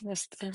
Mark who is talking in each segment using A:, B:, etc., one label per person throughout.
A: Yes, ma'am.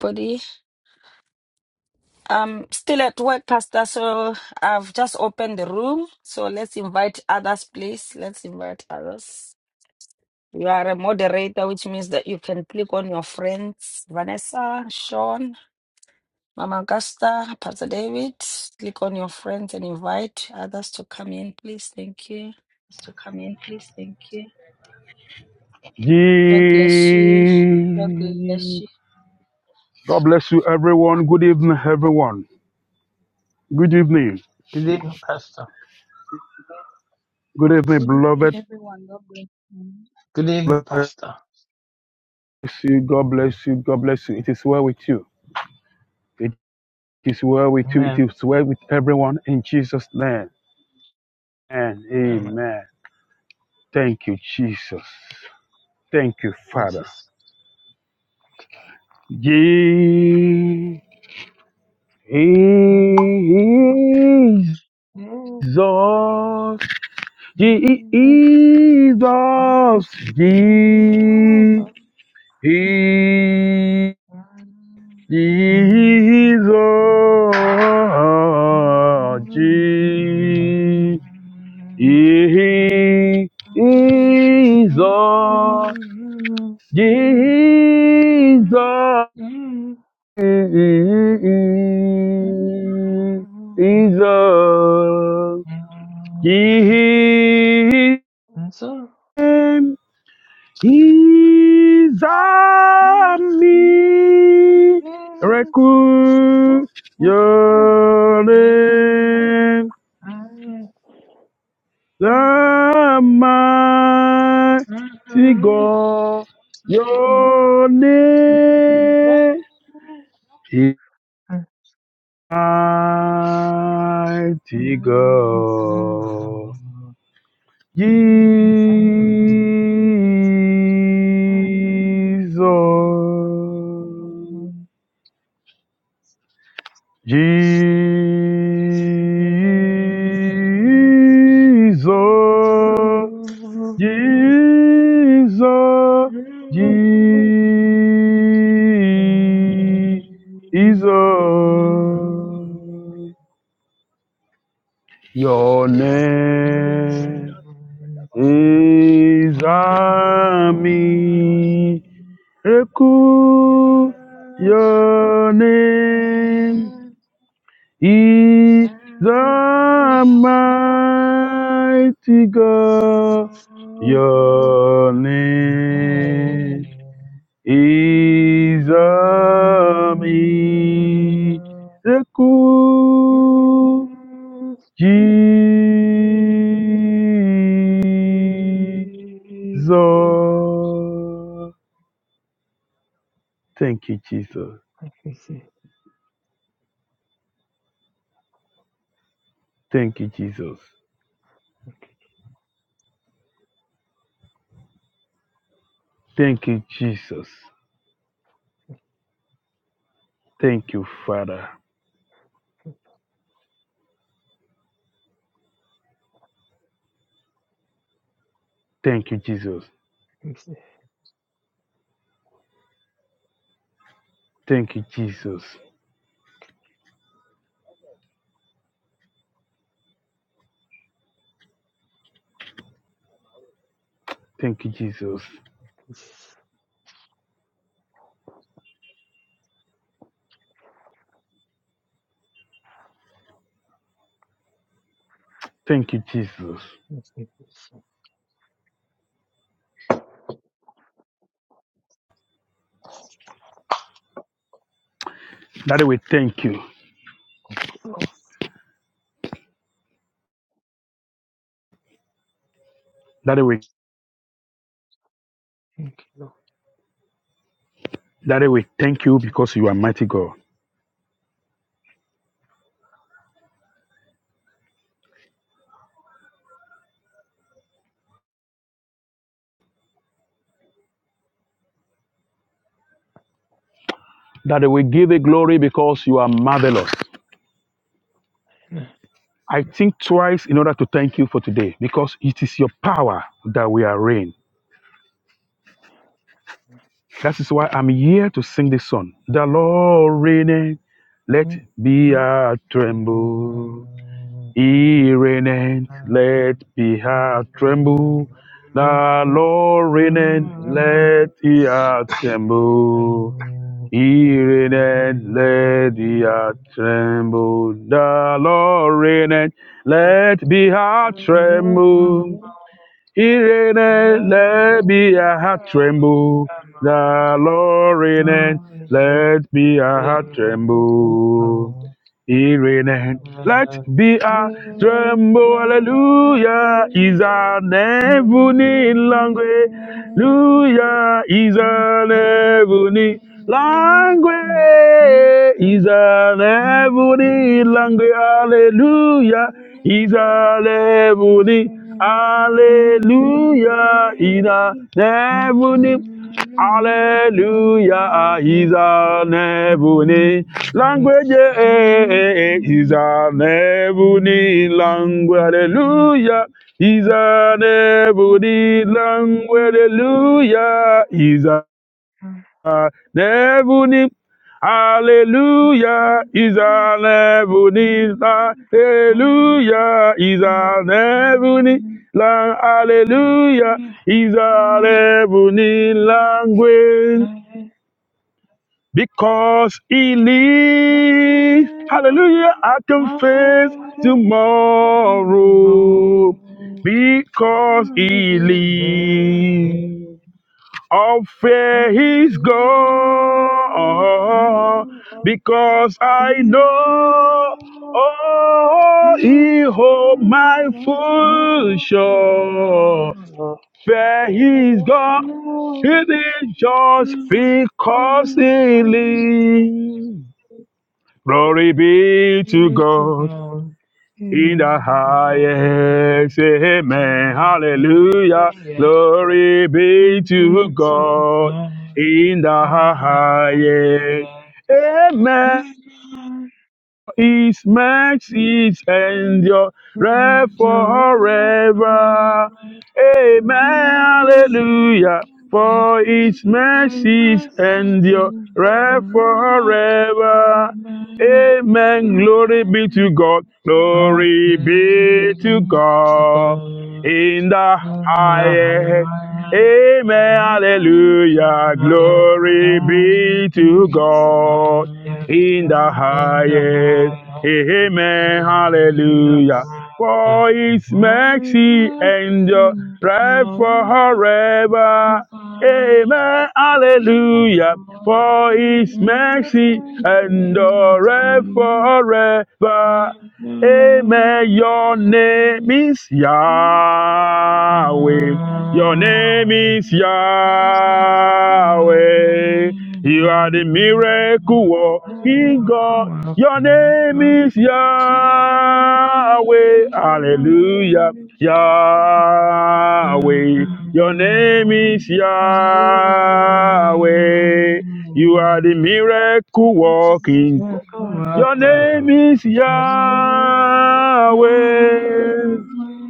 A: Body. I'm still at work, Pastor, so I've just opened the room. So let's invite others, please. Let's invite others. You are a moderator, which means that you can click on your friends, Vanessa, Sean, Mama Augusta, Pastor David. Click on your friends and invite others to come in, please. Thank you. God bless you.
B: Ye. God bless you, everyone. Good evening, everyone. Good evening.
C: Good evening, Pastor.
B: Good evening,
D: Good evening,
B: beloved.
D: everyone. God bless you.
C: Good evening,
B: Bless
C: Pastor.
B: you. God bless you. God bless you. It is well with you. It is well with you. It
C: Amen.
B: is well with everyone in Jesus' name. And
C: Amen.
B: amen. Thank you, Jesus. Thank you, Father.
C: Jesus.
B: Ye- Jesus. Jesus, Je- Jesus, Jesus, Jesus, Jesus, Jesus.
C: And so.
B: He's a miracle. Your name,
C: Thank you.
B: the mighty God. Your name is mighty God. Jesus. Jesus, Jesus, Jesus. Your name is Ami. Reku, your
C: Thank
B: name He's a mighty God. Your name is a miracle, Jesus. Thank you, Jesus. Thank you, Jesus. Thank you, Jesus. Thank you, Father. Thank you, Jesus. Thank you, Jesus. Thank you, Jesus. Thank you, Jesus. Daddy, we thank you. Daddy, we, Daddy, we thank you because you are mighty God. Daddy, we give you glory because you are marvelous. I think twice in order to thank you for today because it is your power that we are reign. That is why I'm here to sing this song. The Lord reigneth, let be a tremble. He reigneth, let the heart tremble. The Lord reigneth, let the heart
C: you,
B: tremble.
C: Lord.
B: He
C: Thank
B: reigneth, let the heart tremble. The Lord reigneth, let the heart tremble. Irene, let me a heart tremble. The Lord reign, let me a heart tremble. Irene, let be a tremble, hallelujah, is an ebony language, hallelujah, is an ebony language, is an ebony language, hallelujah, is an ebony Hallelujah
C: you.
B: is an heavenly. Hallelujah is an heavenly language. eh, eh, eh, Is an heavenly language. Hallelujah is an heavenly language. Hallelujah is an Nebuni, Hallelujah is an
C: Oh,
B: heavenly Hallelujah is an heavenly Hallelujah is an heavenly language. Because he lives. Hallelujah, I can face tomorrow. Because he lives. All
C: Yeah.
B: fear is gone because I know oh, He holds my future. Fear is gone. It is just because He lives. Glory be to God in the highest. Amen. Hallelujah. Glory be to God in the highest. Amen. His mercies endure forever. Amen. Hallelujah.
C: Hallelujah.
B: For His
C: My
B: mercies
C: life is
B: endure
C: in joy.
B: forever.
C: my
B: Amen. Glory be to God. Glory be to
C: Yeah.
B: God. In the highest. Amen. Hallelujah. Glory be to God in the highest. Amen. Hallelujah.
C: Yeah.
B: For his mercy endure right forever.
C: Hallelujah.
B: Amen.
C: Yahweh,
B: Hallelujah. For his mercy
C: Yahweh,
B: endure
C: Yahweh,
B: forever. Amen. Your name is Yahweh. Your name is
E: Thank
B: Yahweh. You are the miracle working God. Your name is Yahweh. Hallelujah. Yahweh. Your name is Yahweh. You are the miracle working God. Your
C: Yahweh,
B: name is Yahweh,
C: Yahweh, God.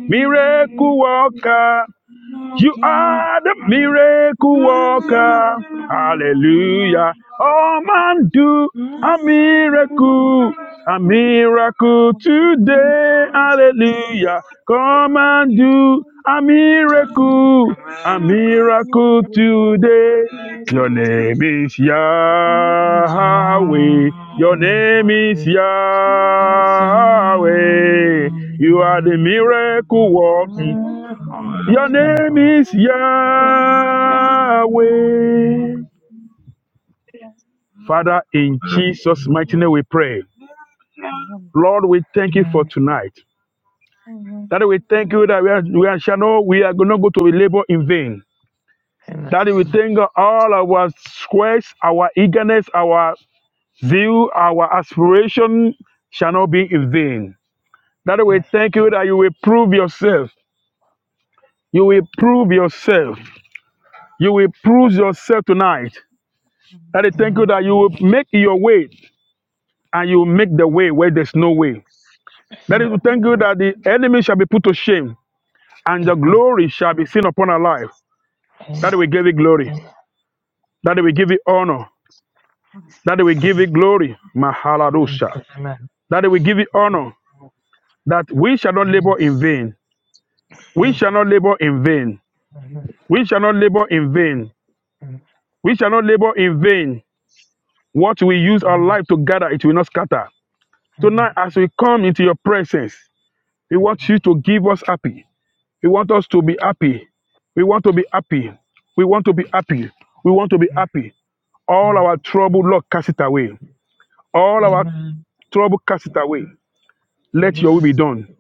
B: miracle worker. You are the miracle worker. Hallelujah. Oh man, do a miracle. A miracle today. Hallelujah. Come and do a miracle. A miracle today. Your name is Yahweh. Your name is
E: you.
B: Yahweh. You are the miracle worker. Your name is Yahweh.
E: Mm-hmm.
B: Father, in Jesus' mighty name we pray. Lord, we thank you for tonight. That we thank you that we, are, we are, shall know we are not going to be labor in vain. That we thank God all our squares, our eagerness, our zeal, our aspiration shall not be in vain. That we thank you that you will prove yourself. You will prove yourself. You will prove yourself tonight. That I thank you that you will make your way and you make the way where there's no way. That is to thank you that the enemy shall be put to shame and your glory shall be seen upon our life. That we give you glory. That we give you honor. That we
C: Amen. Amen.
B: give you glory. Mahaladosha.
C: Amen.
B: That we give you honor. That we shall not
C: Amen.
B: labor in vain. We
C: Amen.
B: shall not labor in vain.
C: Amen.
B: We shall not labor in vain.
C: Amen.
B: We shall not labor in vain. What we use our life to gather, it will not scatter.
C: Amen. Amen.
B: Tonight, as we come into your presence, we want you to give us happy. We want us to be happy. We want to be happy. We want to be happy. We want to be happy. All our trouble, Lord, cast it away. All
C: Amen. Amen. Amen.
B: our trouble, cast it away. Let your will
C: Amen.
B: be done.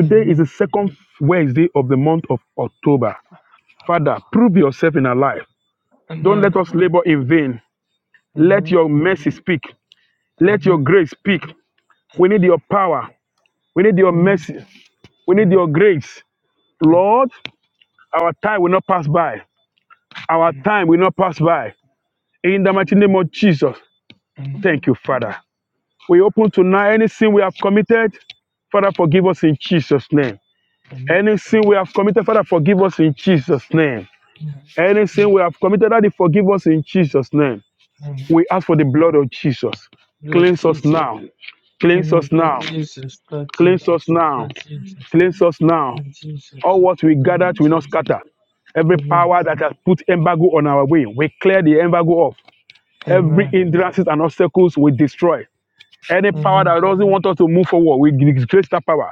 C: Amen. Amen.
B: is the second Wednesday of the month of October. Father, prove yourself in our life. Don't let us labor in vain.
C: Amen.
B: Let your mercy speak. Let your grace speak. We need your power. We need your mercy. We need your grace. Lord, our time will not pass by. Our
C: Amen.
B: time will not pass by. In the mighty name of Jesus,
C: Amen.
B: thank you, Father. We open tonight any sin we have committed, Father, forgive us in Jesus' name.
C: Amen.
B: Any sin we have committed, Father, forgive us in Jesus' name. Any sin we have committed, Daddy, forgive us in Jesus' name.
C: Amen.
B: We ask for the blood of Jesus.
C: Blood
B: Cleanse us
C: Jesus.
B: now. Cleanse
C: Amen.
B: us
C: Blood
B: now.
C: Jesus. Blood
B: Cleanse us
C: Jesus.
B: now.
C: Blood Jesus.
B: Cleanse us now.
C: Blood Jesus.
B: All what we
C: Blood
B: gathered will not
C: Jesus.
B: scatter. Every
C: Amen.
B: power that has put embargo on our way, we clear the embargo off. Every
C: Amen.
B: hindrances and obstacles we destroy. Any power
C: Amen.
B: that doesn't want us to move forward, we disgrace that power.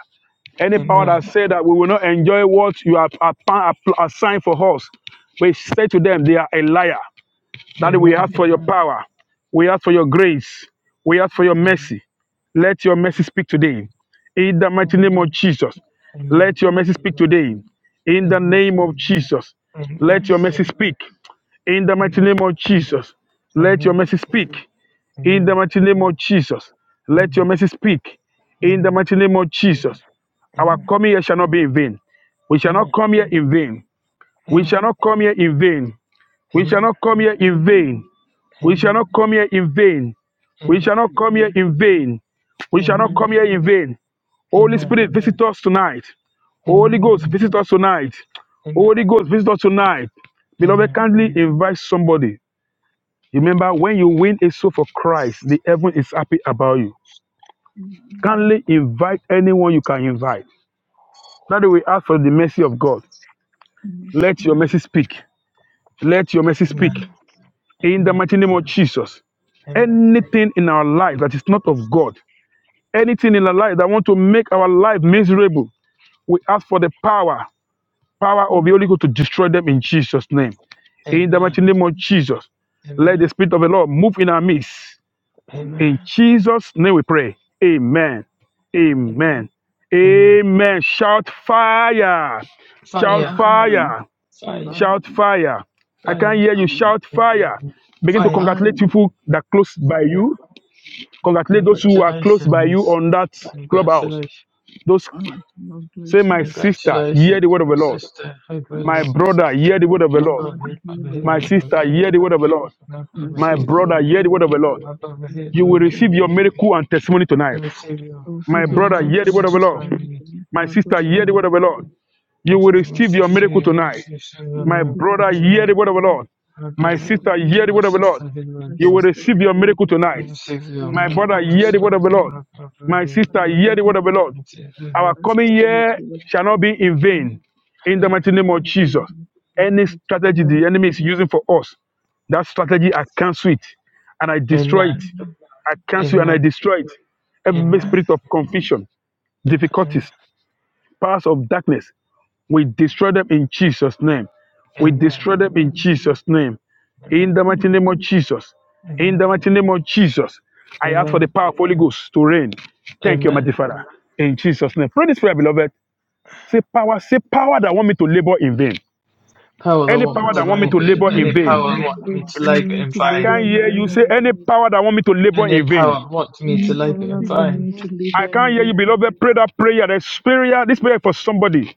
B: Any power
C: Amen.
B: that said that we will not enjoy what you have appa- app- assigned for us, we say to them, they are a liar. That we
C: Amen.
B: ask for your power. We ask for your grace. We ask for your mercy. Let your mercy speak today. In the
C: Amen.
B: mighty name of
C: Amen.
B: Jesus,
C: Amen.
B: let your mercy speak today. In the
C: Amen.
B: name of Jesus,
C: Amen.
B: let your mercy speak. In the mighty
C: Amen.
B: name of Jesus, let your
C: Amen.
B: mercy speak. In the
C: Amen.
B: mighty name of Jesus, let your
C: Amen.
B: mercy speak. In the
C: Amen.
B: mighty name of Jesus, our
C: Amen.
B: coming here shall not be in vain. We shall not
C: Amen.
B: come here in vain. We shall not come here in vain. We shall
C: Amen.
B: not come here in vain.
C: Amen.
B: We shall not
C: Amen.
B: come here in vain.
C: Amen.
B: We
C: Amen.
B: shall not come here in vain. We shall not
C: Amen.
B: come here in vain.
C: Amen.
B: Holy
C: Amen. Amen.
B: Spirit, visit us tonight. Holy
C: Amen. Amen.
B: Ghost, visit us tonight.
C: Amen. Amen.
B: Holy Ghost, visit us tonight. Beloved, kindly invite somebody. Remember, when you win a soul for Christ, the heaven is happy about you. Kindly invite anyone you can invite. That we ask for the mercy of God. Let your mercy speak. Let your mercy speak. In the mighty name of Jesus.
C: Amen.
B: Anything in our life that is not of God, anything in our life that want to make our life miserable, we ask for the power, power of the Holy Ghost to destroy them in Jesus' name. In the
C: Amen.
B: mighty name of Jesus, let the Spirit of the Lord move in our midst.
C: Amen.
B: In
E: um,
B: Jesus' name we pray. Amen.
E: um,
B: Amen.
C: Amen.
B: Amen. Shout fire. Shout
C: Fire.
E: fire,
B: fire.
C: Fire.
E: fire,
B: Shout fire. I can't
C: Fire.
B: hear
E: fire,
B: you. Shout fire. Begin to
C: Fire.
E: fire,
B: congratulate people that are close by you. Congratulate those who are close by you
C: Congratulations.
B: on that clubhouse.
C: Congratulations.
B: Those
E: um,
B: say, My
E: migration,
B: sister,
C: Congratulations.
B: hear the word of
C: My
B: the Lord.
C: sister, head
E: my
C: well,
B: My
C: Lord.
E: sister,
B: brother, hear the word of the
E: my
C: My
B: Lord.
C: father,
E: brother,
C: head,
E: hear
C: my
E: the
C: head,
B: My
E: word of
C: Lord.
E: the
B: sister,
E: Lord.
B: hear the
C: Congratulations.
B: word of the Lord.
C: My
E: My
C: brother,
B: My
C: head,
E: sister,
B: brother,
C: Lord.
E: hear
B: hear
E: the
B: the word
E: word
B: of the
E: of
B: Lord.
C: After the Adam
E: my
B: You will
E: father,
C: Hitman
E: hear
B: receive
E: the
B: your
E: word of
B: miracle and testimony tonight.
C: would reveal
E: Oh, hear
B: My
E: your
B: brother,
C: American
B: hear
E: miracle
B: the word
E: and
B: of the
C: sister,
B: Lord.
E: testimony for me.
B: My
E: My
B: sister,
E: brother,
B: hear the
E: hear
B: word
C: tonight.
E: the
B: of the Lord.
C: I
E: my
B: You will
C: got
E: sister,
C: my
B: receive
E: hear
B: your
E: the
C: sister
B: miracle
C: here,
B: tonight.
C: he's receiving a
E: hear
B: My
E: hear your
C: miracle
B: brother, hear
C: tonight.
B: the
E: miracle
B: word of
E: for
B: the
E: me.
B: Lord.
C: I
E: My
B: My
C: got
E: brother,
B: sister,
E: hear
B: hear
E: the
B: the
C: my
B: word of the Lord.
C: sister hit my
E: my
B: You will
C: Lord.
E: sister,
B: receive
E: hear
B: your
E: the word
B: miracle
E: of
C: You
B: tonight.
E: God.
C: receive your
E: You
B: My
E: receive
B: brother,
E: your
C: miracle
B: hear the
E: miracle
B: word
C: tonight.
B: of the
C: I
E: tonight.
B: Lord.
C: got her,
B: My
C: my
E: My
B: sister,
C: Lord.
B: hear
E: brother,
B: the
E: hear
B: word of the
E: the
C: You
B: Lord.
C: receive your
B: Our
E: my
C: miracle.
B: coming
E: sister, hear
B: year
E: the word of
B: shall not be
E: God. My
B: in
E: family,
B: vain. In the
E: hear the
B: mighty name of Jesus.
E: family,
B: Any
E: hear
B: strategy
E: the
B: the enemy is using for us, that strategy, I cancel it and I destroy it.
C: Amen.
E: Mhm.
B: I cancel and I
C: Amen.
B: destroy it. Every
C: Amen.
E: Mhm.
B: spirit of confusion,
C: Amen.
B: difficulties, powers of darkness. We destroy them in Jesus' name. We
C: Amen.
B: destroy them in
E: Amen.
B: Jesus' name. In
C: Amen.
B: the
E: Mhm.
B: mighty name of Jesus. In the
C: Amen.
B: mighty name of Jesus. I ask for the
E: Mhm.
C: Amen.
B: power of Holy Ghost to reign. Thank you, mighty
C: Amen.
B: Father. In Jesus' name. Pray this prayer, beloved. Say power, say power that want me to labor in vain.
C: Power that
B: Any
D: Power
C: want me
B: power
D: that
B: that
C: to
D: wants
B: want
D: me
B: me to
C: labour,
D: to
B: labor in
E: When
D: labor
E: you
C: any
B: vain.
E: call
C: power
D: in
C: that
B: vain.
C: want me
E: God
D: vain.
C: to
E: want
C: labour
E: me
C: in
E: to
B: I
C: vain.
E: labor
B: can't
E: in
B: hear you
E: vain,
B: say any power that want me to labor
C: Any
B: in vain.
C: power want me
E: when
C: to
E: you
D: Power that
C: labour
D: wants
E: Father
C: in
D: me to
E: want
C: vain.
E: me
D: labor
E: to
D: in
B: I
D: vain.
E: labor
B: can't
E: in
B: hear you,
E: vain,
B: beloved. Pray that prayer. That prayer, this prayer is for somebody.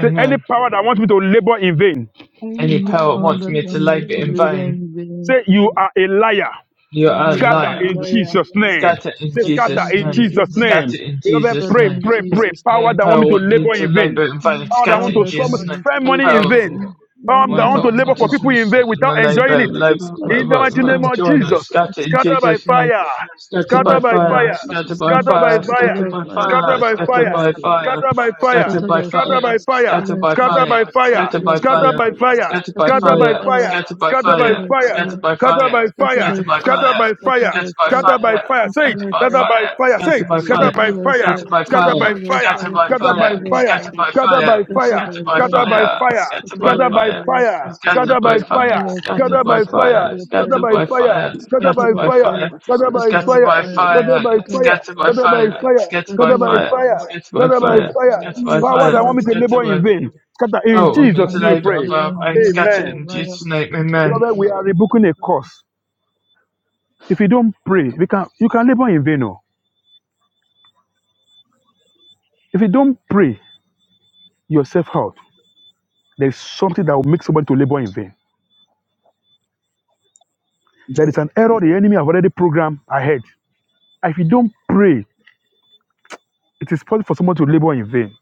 B: Say any power that wants me to labor in vain.
D: Any
C: Any
E: any
D: power
C: power
D: that
E: power
D: wants
C: want
E: that
D: me
C: me to
E: want
D: to
E: me
C: labour
E: to
D: labor
C: in
D: in
E: labor
C: vain.
D: vain.
E: in vain,
B: Say, you are a liar.
C: You
D: You
C: are a
D: are
E: you are
B: Scatter
E: a
C: liar.
D: alive.
B: in
E: liar.
B: Jesus' name.
C: Scatter in
B: Say,
E: Scatter
B: scatter
E: in
C: Jesus'
B: in
C: name.
E: Jesus'
B: Jesus'
D: Talking
E: name.
B: name.
C: Scatter in
B: Beloved,
C: Jesus'
E: Scatter
B: pray,
C: name.
E: in
B: pray, pray.
E: Jesus'
B: Power
C: Any
E: name.
B: that want me
C: power
B: to
C: want me
B: labor
C: to
B: in vain.
C: labour in vain.
B: Power that
C: Scatter
E: Power
B: want to
C: in
E: that want
C: Jesus' name.
E: me to
B: spend
E: labor
B: money in
E: in
B: vain.
C: Power.
E: vain, you are
B: Power
E: a
C: My
B: that want
E: liar.
B: to labor
C: involvement
B: for
C: is
B: people
E: Scatter,
B: in vain
C: my
B: without enjoying
C: labor,
B: it.
E: scatter,
C: labor,
B: In
E: scatter,
B: the mighty name
C: and
E: scatter,
B: of
C: joiner,
B: Jesus.
C: scattered in
E: scatter.
B: Scatter by
C: Jesus' name.
B: fire.
C: Scatter
E: Scatter
C: by
E: by
B: Scatter by
E: fire in
C: fire,
B: fire.
C: scatter
E: Jesus'
C: by
E: name.
B: Scatter by
C: fire,
E: Scatter
B: fire.
C: scatter
E: by
F: I
C: by
E: fire.
F: think
B: Scatter
C: fire,
B: by
E: Scatter
C: scatter
B: fire.
E: by
F: it's
C: by
F: good
E: fire.
F: that we
C: fire,
B: Scatter by fire.
C: scatter
E: Scatter
C: by
E: by
B: Scatter
C: fire,
E: fire,
B: by
E: scatter
B: fire.
C: scatter
E: by
C: by
B: Scatter
E: fire,
B: by
C: fire, scatter
B: fire
E: scatter
F: find
E: by
C: by
F: the right
B: scatter
E: fire,
C: fire,
B: by
F: words, start
B: fire,
C: scatter by
E: scatter
B: scatter
E: by
B: by
C: fire,
E: fire,
B: fire,
C: scatter by
B: scatter
E: scatter
B: by
C: fire,
E: by
B: fire,
F: the
C: scatter
E: fire,
C: by
B: scatter
C: fire,
B: by
E: scatter
B: fire,
F: right words,
E: by
C: scatter by
E: fire,
B: scatter
C: fire,
B: by
E: scatter
B: fire,
C: scatter
E: by
C: by
E: fire,
B: scatter by
C: fire,
B: fire, say
E: scatter
B: it,
C: scatter
E: by
C: by
B: scatter
E: fire,
B: by
C: fire,
B: fire, say
F: start
C: scatter
B: it,
F: the
C: by
F: right
C: fire,
B: scatter
E: scatter
B: by
F: words,
E: by
B: fire,
E: fire,
C: Scattered by
F: start the
B: scatter
F: right-
C: fire,
B: by
E: scatter
B: fire,
C: scattered
F: start
C: by
F: the
B: scatter
F: right
B: by
C: fire,
F: words,
E: by
B: fire,
E: fire,
C: scattered
F: start
C: by
F: the right
B: scatter
F: words,
C: fire,
F: start
B: by
E: scatter
B: fire,
E: by
C: scattered by
F: the right
E: fire,
B: scatter
F: words,
B: by
C: fire,
B: fire,
C: scattered
E: scatter
F: start
C: by
B: scatter
E: by fire, scatter by
B: by
C: fire,
E: fire,
B: fire,
F: the right right
B: scatter
C: scattered by
B: by
E: scatter
C: fire,
B: fire,
E: by fire,
B: scatter
C: scattered by
B: by fire,
C: fire,
B: scatter
C: scattered
B: by
F: right-
C: by
B: fire,
C: fire,
B: scatter
E: scatter
B: by
C: scattered
E: by fire, scatter by fire, scatter by
C: by
B: fire,
E: fire,
C: fire,
B: scatter
F: right
B: by
E: scatter by fire, scatter
C: scattered
E: by
B: fire,
C: by
F: Yeah,
E: fire,
B: scatter
C: fire,
B: by
E: scatter
B: fire,
C: scattered by
E: by
B: scatter by
C: fire,
B: fire,
C: scattered by
B: scatter by
C: fire,
B: fire,
C: scattered by
B: Scatter by
C: fire,
E: fire,
C: scattered
B: fire.
C: by
F: "Mm,
B: Power
E: scatter
C: fire,
B: that
E: by
B: want
F: mm,
B: me to
E: fire,
C: scattered
B: labor
C: by
B: in vain. Scatter in
E: Oh,
C: Oh,
E: that
C: I'm
B: Jesus'
C: into
E: one
B: name
E: need
B: we
C: labour,
E: to be
B: pray.
C: of uh,
E: in
C: I am
E: the
C: scattered
E: yeah,
B: Amen.
C: in
E: liars,
C: Jesus' name,
E: scatter,
C: amen.
B: Beloved, we are
E: scatter.
B: rebuking a curse. If you don't pray, we can you can labor in vain. Oh. If you don't pray yourself out, there is something that will make somebody to labor in vain. There is an error the enemy have already programmed ahead. And If you don't pray, it is possible for someone to labor in vain.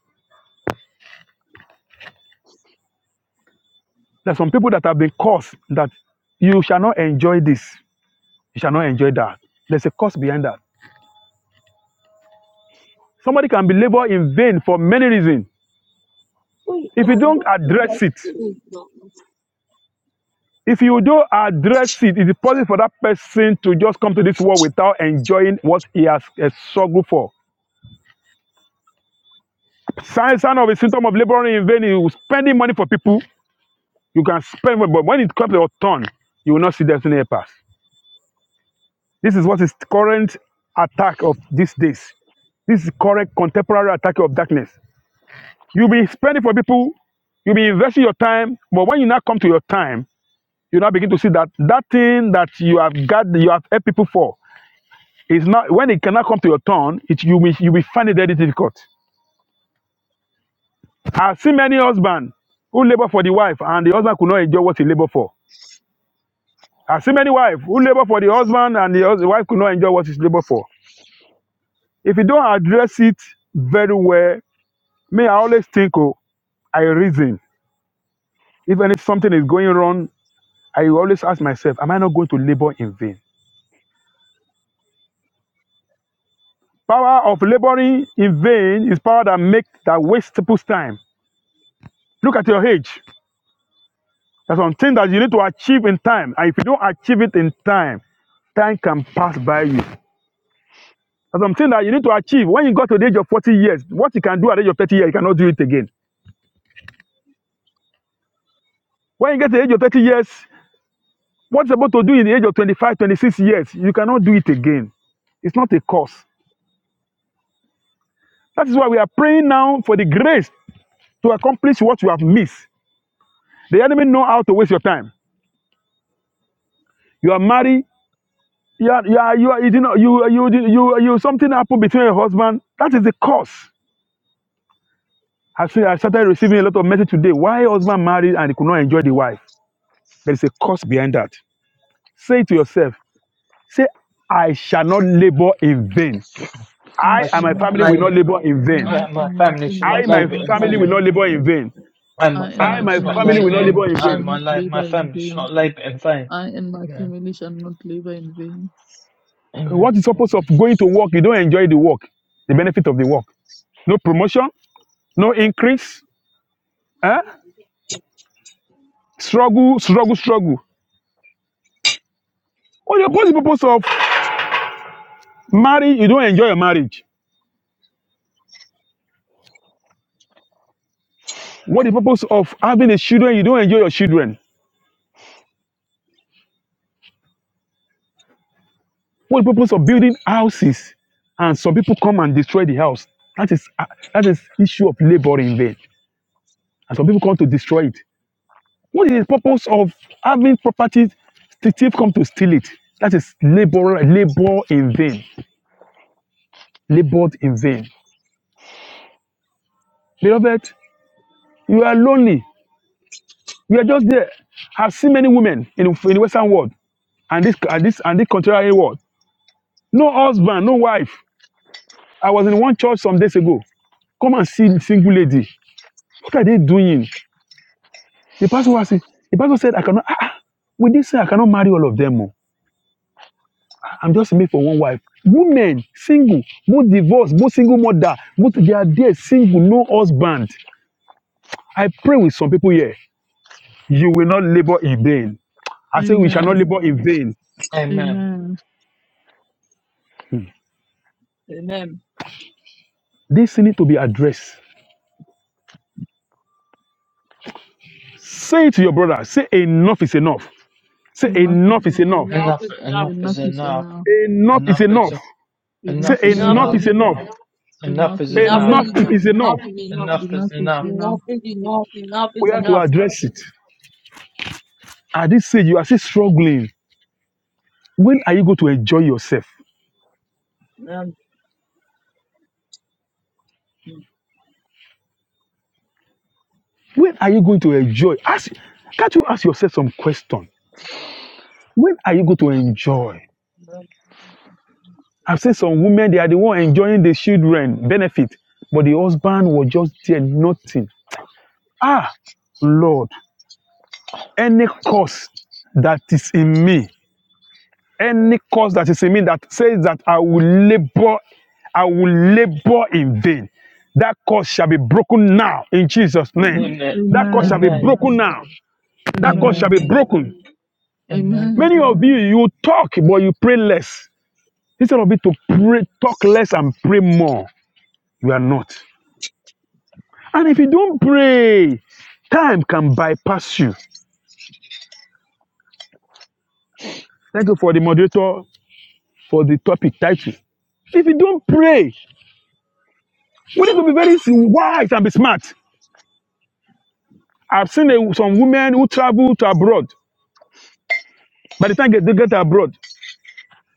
B: There are some people that have been cursed that you shall not enjoy this, you shall not enjoy that. There's a curse behind that. Somebody can be labor in vain for many reasons. If you
F: uh,
B: don't
F: it's
B: address
F: like,
B: it,
F: mm, no, no."
B: if you don't address it, it is possible for that person to just come to this world without enjoying what he has uh, struggled for. Sign, sign of a symptom of laboring in vain, you spending money for people, you can spend, but when it comes to your turn, you will not see destiny pass. This is what is the current attack of these days. This is the current contemporary attack of darkness. You'll be spending for people, you'll be investing your time, but when you now come to your time, you now begin to see that that thing that you have got, you have helped people for, is not when it cannot come to your turn. It you will you will find it very difficult. I've seen many husbands who labor for the wife and the husband could not enjoy what he labored for. I've seen many wives who labor for the husband and the, hus- the wife could not enjoy what he's labored for. If you don't address it very well, me I always think, oh, I reason. Even if something is going wrong, I always ask myself, am I not going to labor in vain? Power of laboring in vain is power that makes that wastes people's time. Look at your age. There's something that you need to achieve in time, and if you don't achieve it in time, time can pass by you. There's something that you need to achieve. When you got to the age of 40 years, what you can do at the age of 30 years, you cannot do it again. When you get to the age of 30 years, what you're about to do in the age of 25, 26 years, you cannot do it again. It's not a curse. That is why we are praying now for the grace to accomplish what you have missed. The enemy know how to waste your time. You are married, You are, you are, you are, you know, you, you, you, you, you, something happened between your husband. That is the cause. I see, I started receiving a lot of message today. Why husband married and he could not enjoy the wife? There is a cause behind that. Say it to yourself. Say, I shall not labor in vain.
E: I
B: I
C: I
E: shall
B: and
C: should
B: my
C: not
E: not
B: family will not
C: labour,
E: live.
B: labor in vain.
E: I
C: and my
E: and my
C: family should
B: I
E: family
C: not
B: and my
E: shall
C: labour
E: not
C: in
B: family
E: live
B: will
C: vain.
B: not
E: in.
B: labor in vain.
C: and my
E: I and
B: I and
E: my
C: family
B: my
C: should not
E: family
B: family will
E: shall
C: labor
B: not
E: not
B: labor
C: in
B: in
E: shall
C: and
B: vain.
C: my
E: not
C: la-
E: live
C: my
E: in
C: family should
E: vain.
C: not labor in vain.
E: I and my
C: Amen.
E: family shall not live in vain.
C: Amen.
B: What is the purpose of going to work? You don't enjoy the work, the benefit of the work. No promotion, no increase. Eh? Struggle, struggle, struggle. What the, what's the purpose of marriage? You don't enjoy your marriage. What is the purpose of having a children? You don't enjoy your children. What is the purpose of building houses? And some people come and destroy the house. That is uh, that is issue of labor in vain. And some people come to destroy it. What is the purpose of having property? The thief come to steal it. That is labor labor in vain. Labored in vain. Beloved, you are lonely. You are just there. I've seen many women in in the Western world and this and this and this contrary world No husband, no wife. I was in one church some days ago. Come and see the single lady. What are they doing? The pastor was saying, the pastor said, I cannot, ah, ah, with this, say I cannot marry all of them. oh. I'm just made for one wife. Women, single, both divorced, both single mother, both they are there, single, no husband. I pray with some people here. You will not labor in vain. I say we shall not
E: Amen.
B: labor in vain.
C: Amen.
E: Amen.
B: Hmm.
F: Amen.
B: This need to be addressed. Say it to your brother. Say enough is enough. Say
E: Enough is
B: enough is
E: enough.
B: enough.
F: Enough
C: Enough
F: is enough.
C: enough
E: Enough
C: is
E: is
C: enough.
E: enough.
B: Enough is
C: Enough is
B: enough. Say
E: Enough
C: enough is
E: is
F: Enough
B: enough
C: enough.
F: is
E: enough.
B: is
F: enough.
B: enough.
E: Enough
C: Enough is
E: is
F: Enough
C: enough.
F: is
E: enough.
B: Enough
F: enough.
B: is
F: Enough
B: enough.
F: is enough.
C: Enough
E: Enough
C: is
E: is
C: enough.
E: enough.
F: Enough is enough. Enough
B: We
F: is
B: have to address it. At this stage, you are still struggling. When are you going to enjoy yourself? When are you going to enjoy? Ask, can't you ask yourself some question? When are you going to enjoy? I've seen some women, they are the one enjoying the children benefit, but the husband was just there, nothing. Ah, Lord, any cause that is in me. any cause that is in me that says that I will labor, I will labor in vain. That cause shall be broken now in Jesus' name.
E: Amen.
C: Amen.
B: That cause shall be
E: Amen.
C: Amen.
B: broken now. That cause shall
C: Amen.
B: be
E: Amen.
B: broken.
C: Amen.
E: Amen.
B: Many of you, you talk, but you pray less. Instead of you to pray, talk less and pray more, you are not. And if you don't pray, time can bypass you. Thank you for the moderator for the topic title. If you don't pray, we need to be very wise and be smart. I've seen a, some women who travel to abroad. By the time they, they get abroad,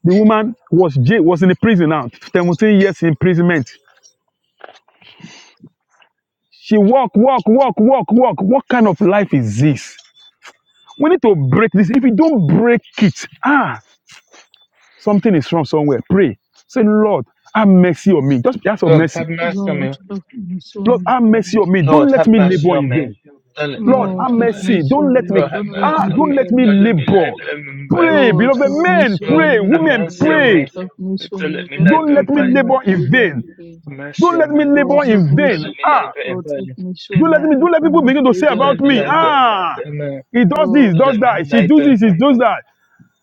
B: the woman was jail, was in a prison now, 17 years imprisonment. She walk, walk, walk, walk, walk. What kind of life is this? We need to break this. If you don't break it, ah, something is wrong somewhere. Pray. Say, Lord, have mercy on me. Just ask for
C: Lord
B: mercy.
C: have mercy on me.
E: Lord, of my
B: Lord,
E: soul.
B: have mercy on me.
C: Lord
B: Don't let
C: have
B: me
C: mercy
B: labor
C: on
B: in
C: me.
B: vain.
C: Don't let me
B: Lord,
C: labor
E: Lord,
B: have
C: in
E: have
B: mercy.
C: vain.
E: mercy
B: Don't let
E: on
B: me
E: me.
C: Lord have
E: Don't let
B: ah,
E: me
C: mercy on
B: don't
E: live
C: me.
B: let me
E: in
C: Don't let
E: vain.
C: me
B: labor.
C: labor in vain.
B: Pray,
E: Lord,
B: beloved
E: have mercy
B: men,
E: on
C: Lord
B: pray,
C: have
E: me.
B: women,
C: mercy on
E: Lord,
B: pray.
C: me.
E: have mercy
C: Don't
E: on
C: let
E: me.
C: me
E: Let,
B: Don't
C: labor
B: let
E: let
C: in
B: me
E: me
C: vain.
E: not
B: labor
E: live
B: in vain.
E: in vain.
C: Mercy
B: Don't
C: of
B: let
C: me,
B: me
C: Lord.
E: Lord,
B: labor
C: To
E: have
B: in vain.
C: let
E: mercy.
C: me
B: Ah,
C: lie bare in
E: Lord, have
C: bed.
E: mercy
B: don't
E: on
B: let
E: me.
C: Amen.
B: me,
E: Let
B: don't let
E: me
B: people
E: not
B: begin to say
E: live
C: To
B: about
C: let
E: in
C: me
B: me.
C: lie
E: vain.
C: bare.
B: Ah,
C: Amen.
B: he does this,
E: Lord,
C: To
B: does
C: let me
B: that. She
C: lie
B: does
C: bare.
B: this, she does that.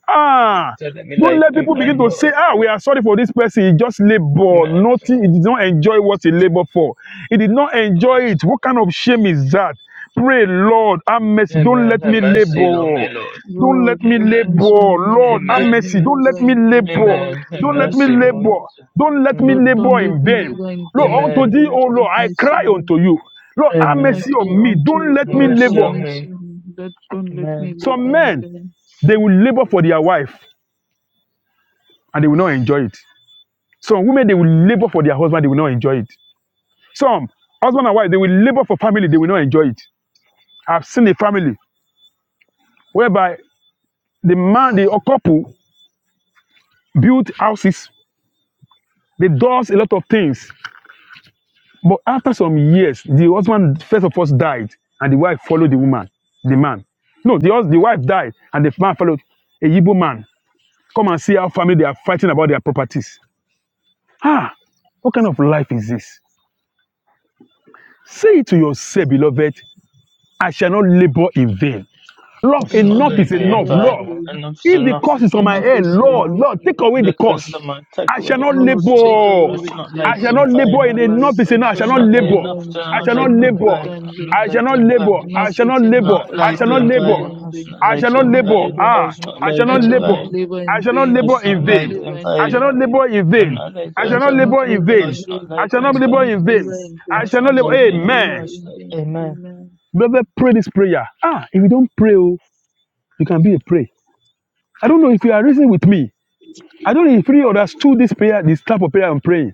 B: Ah,
C: To let me
B: don't
C: lie
B: let
C: bare in
B: people begin
C: vain,
B: to
E: Lord,
B: say,
C: Lord.
B: ah, we are sorry for this person. He just labored.
C: Amen.
B: Nothing. He did not enjoy what he labored for. He did not
C: Lord.
B: enjoy it. What kind of shame is that? Pray, Lord, have mercy. Don't
C: Amen.
B: let
C: Have
B: me
C: mercy Lord, my
B: labor.
C: Lord.
B: Don't
E: Lord,
B: let me
E: have
C: Amen.
B: labor.
E: mercy on me.
B: Lord,
E: Don't
B: have
E: let me
C: Amen.
B: mercy. Don't
E: live
B: let me
E: in vain.
B: labor.
E: Lord,
C: Amen. Have
E: have
B: Don't let me
E: mercy
C: mercy,
E: on
C: Lord.
E: me.
B: labor. Don't let me
E: Lord,
C: Amen.
E: don't
B: labor
E: let
B: in
E: me live
B: vain.
E: in
B: Lord,
E: vain.
B: unto
C: Amen.
B: thee,
E: Lord,
B: O
E: have
B: Lord, I
E: mercy
B: cry
E: on me.
B: unto you. Lord, have
E: I
C: Amen.
B: mercy
E: cry
B: on me.
E: unto
B: Don't
E: you,
B: let
C: Have
B: me
E: Lord,
C: mercy
E: have
B: labor.
C: on
E: mercy
C: me.
E: on me. Let, don't let me
C: Amen.
E: live
B: Some
E: in
B: men,
E: vain.
B: they will labor for their wife. and they will not enjoy it. Some women, they will labor for their husband, they will not enjoy it. Some husband and wife, they will labor for family, they will not enjoy it. I've seen a family whereby the man, the couple built houses, they does a lot of things. But after some years, the husband first of all died, and the wife followed the woman, the man. No, the, the wife died, and the man followed a Igbo man. Come and see how family they are fighting about their properties. Ah, what kind of life is this? Say it to yourself, beloved. I shall not labor in vain. Love,
C: I
E: I
C: shall not
E: shall
B: enough
E: not
C: lie
B: is
C: bare
E: be
C: in
B: enough.
C: vain.
E: blamed.
B: Lord,
E: thee.
C: Enough is
B: if the
C: enough,
B: curse is on
C: Lord.
B: my
E: Enough
C: I
B: head,
E: is
B: Lord,
C: pray.
E: enough.
B: Lord, take
C: If
B: away
C: the
B: the curse.
C: curse of mine, take
B: I
C: away
B: shall
C: the
B: not
E: Lord,
C: curse,
E: take
C: Lord.
E: away
C: I
B: labor.
E: the
C: shall not lie
B: I shall
E: curse
C: bare in
B: not
E: from
B: labor
C: vain.
E: my
B: in
E: life.
B: enough is
E: I
B: enough. I shall
E: shall
C: It's
B: not
E: not
C: not late
E: live
B: labor.
C: enough to
E: in
B: I
E: I
C: not
B: shall
E: shall
B: not
C: labour
E: not
C: and
B: labor.
E: live
C: pain.
E: in
C: I'm
E: vain.
C: not
B: I shall
C: labour
B: not
C: and
B: labor.
C: pain.
B: I
E: Enough
B: shall not
E: is
C: I'm
B: labor.
E: enough.
C: not
E: I
B: I
E: shall
B: shall
C: labour
B: not
E: not
C: and
E: live
C: pain.
B: labor.
E: in
C: I should
E: vain.
C: not
B: I
E: I
B: shall
C: labour
B: not
E: shall
C: and
E: not
B: labor.
E: live
C: pain. I
E: in
B: Ah,
C: was not
B: I shall
C: labour
E: I
B: not
C: and
E: shall not
B: labor.
C: pain.
E: live in
B: I shall not
C: I
E: vain. I
B: labor
C: should
E: shall
B: in
C: not
E: not
B: vain.
C: labour
E: live
C: and
E: in
B: I shall
C: pain.
E: vain.
B: not labor in
C: I'm
B: vain.
C: not labour
B: I
E: I
B: shall
C: and
B: not
E: shall
C: pain.
E: not
B: labor in
E: live
C: I
B: vain.
E: in
C: should not
E: vain.
B: I
C: labour
B: shall
E: I
B: not
C: and
E: shall
B: labor
E: not
C: pain.
B: in
E: live
B: vain.
E: in
C: I
B: I
E: vain.
C: should
B: shall not
E: I
C: not
B: labor.
E: shall not
C: labour.
E: live
B: Amen.
C: I should
E: in vain.
C: not. Amen.
E: Amen.
B: Beloved, pray this prayer. Ah, if you don't pray, oh, you can be a pray. I don't know if you are reasoning with me. I don't know if you understood this prayer, this type of prayer I'm praying.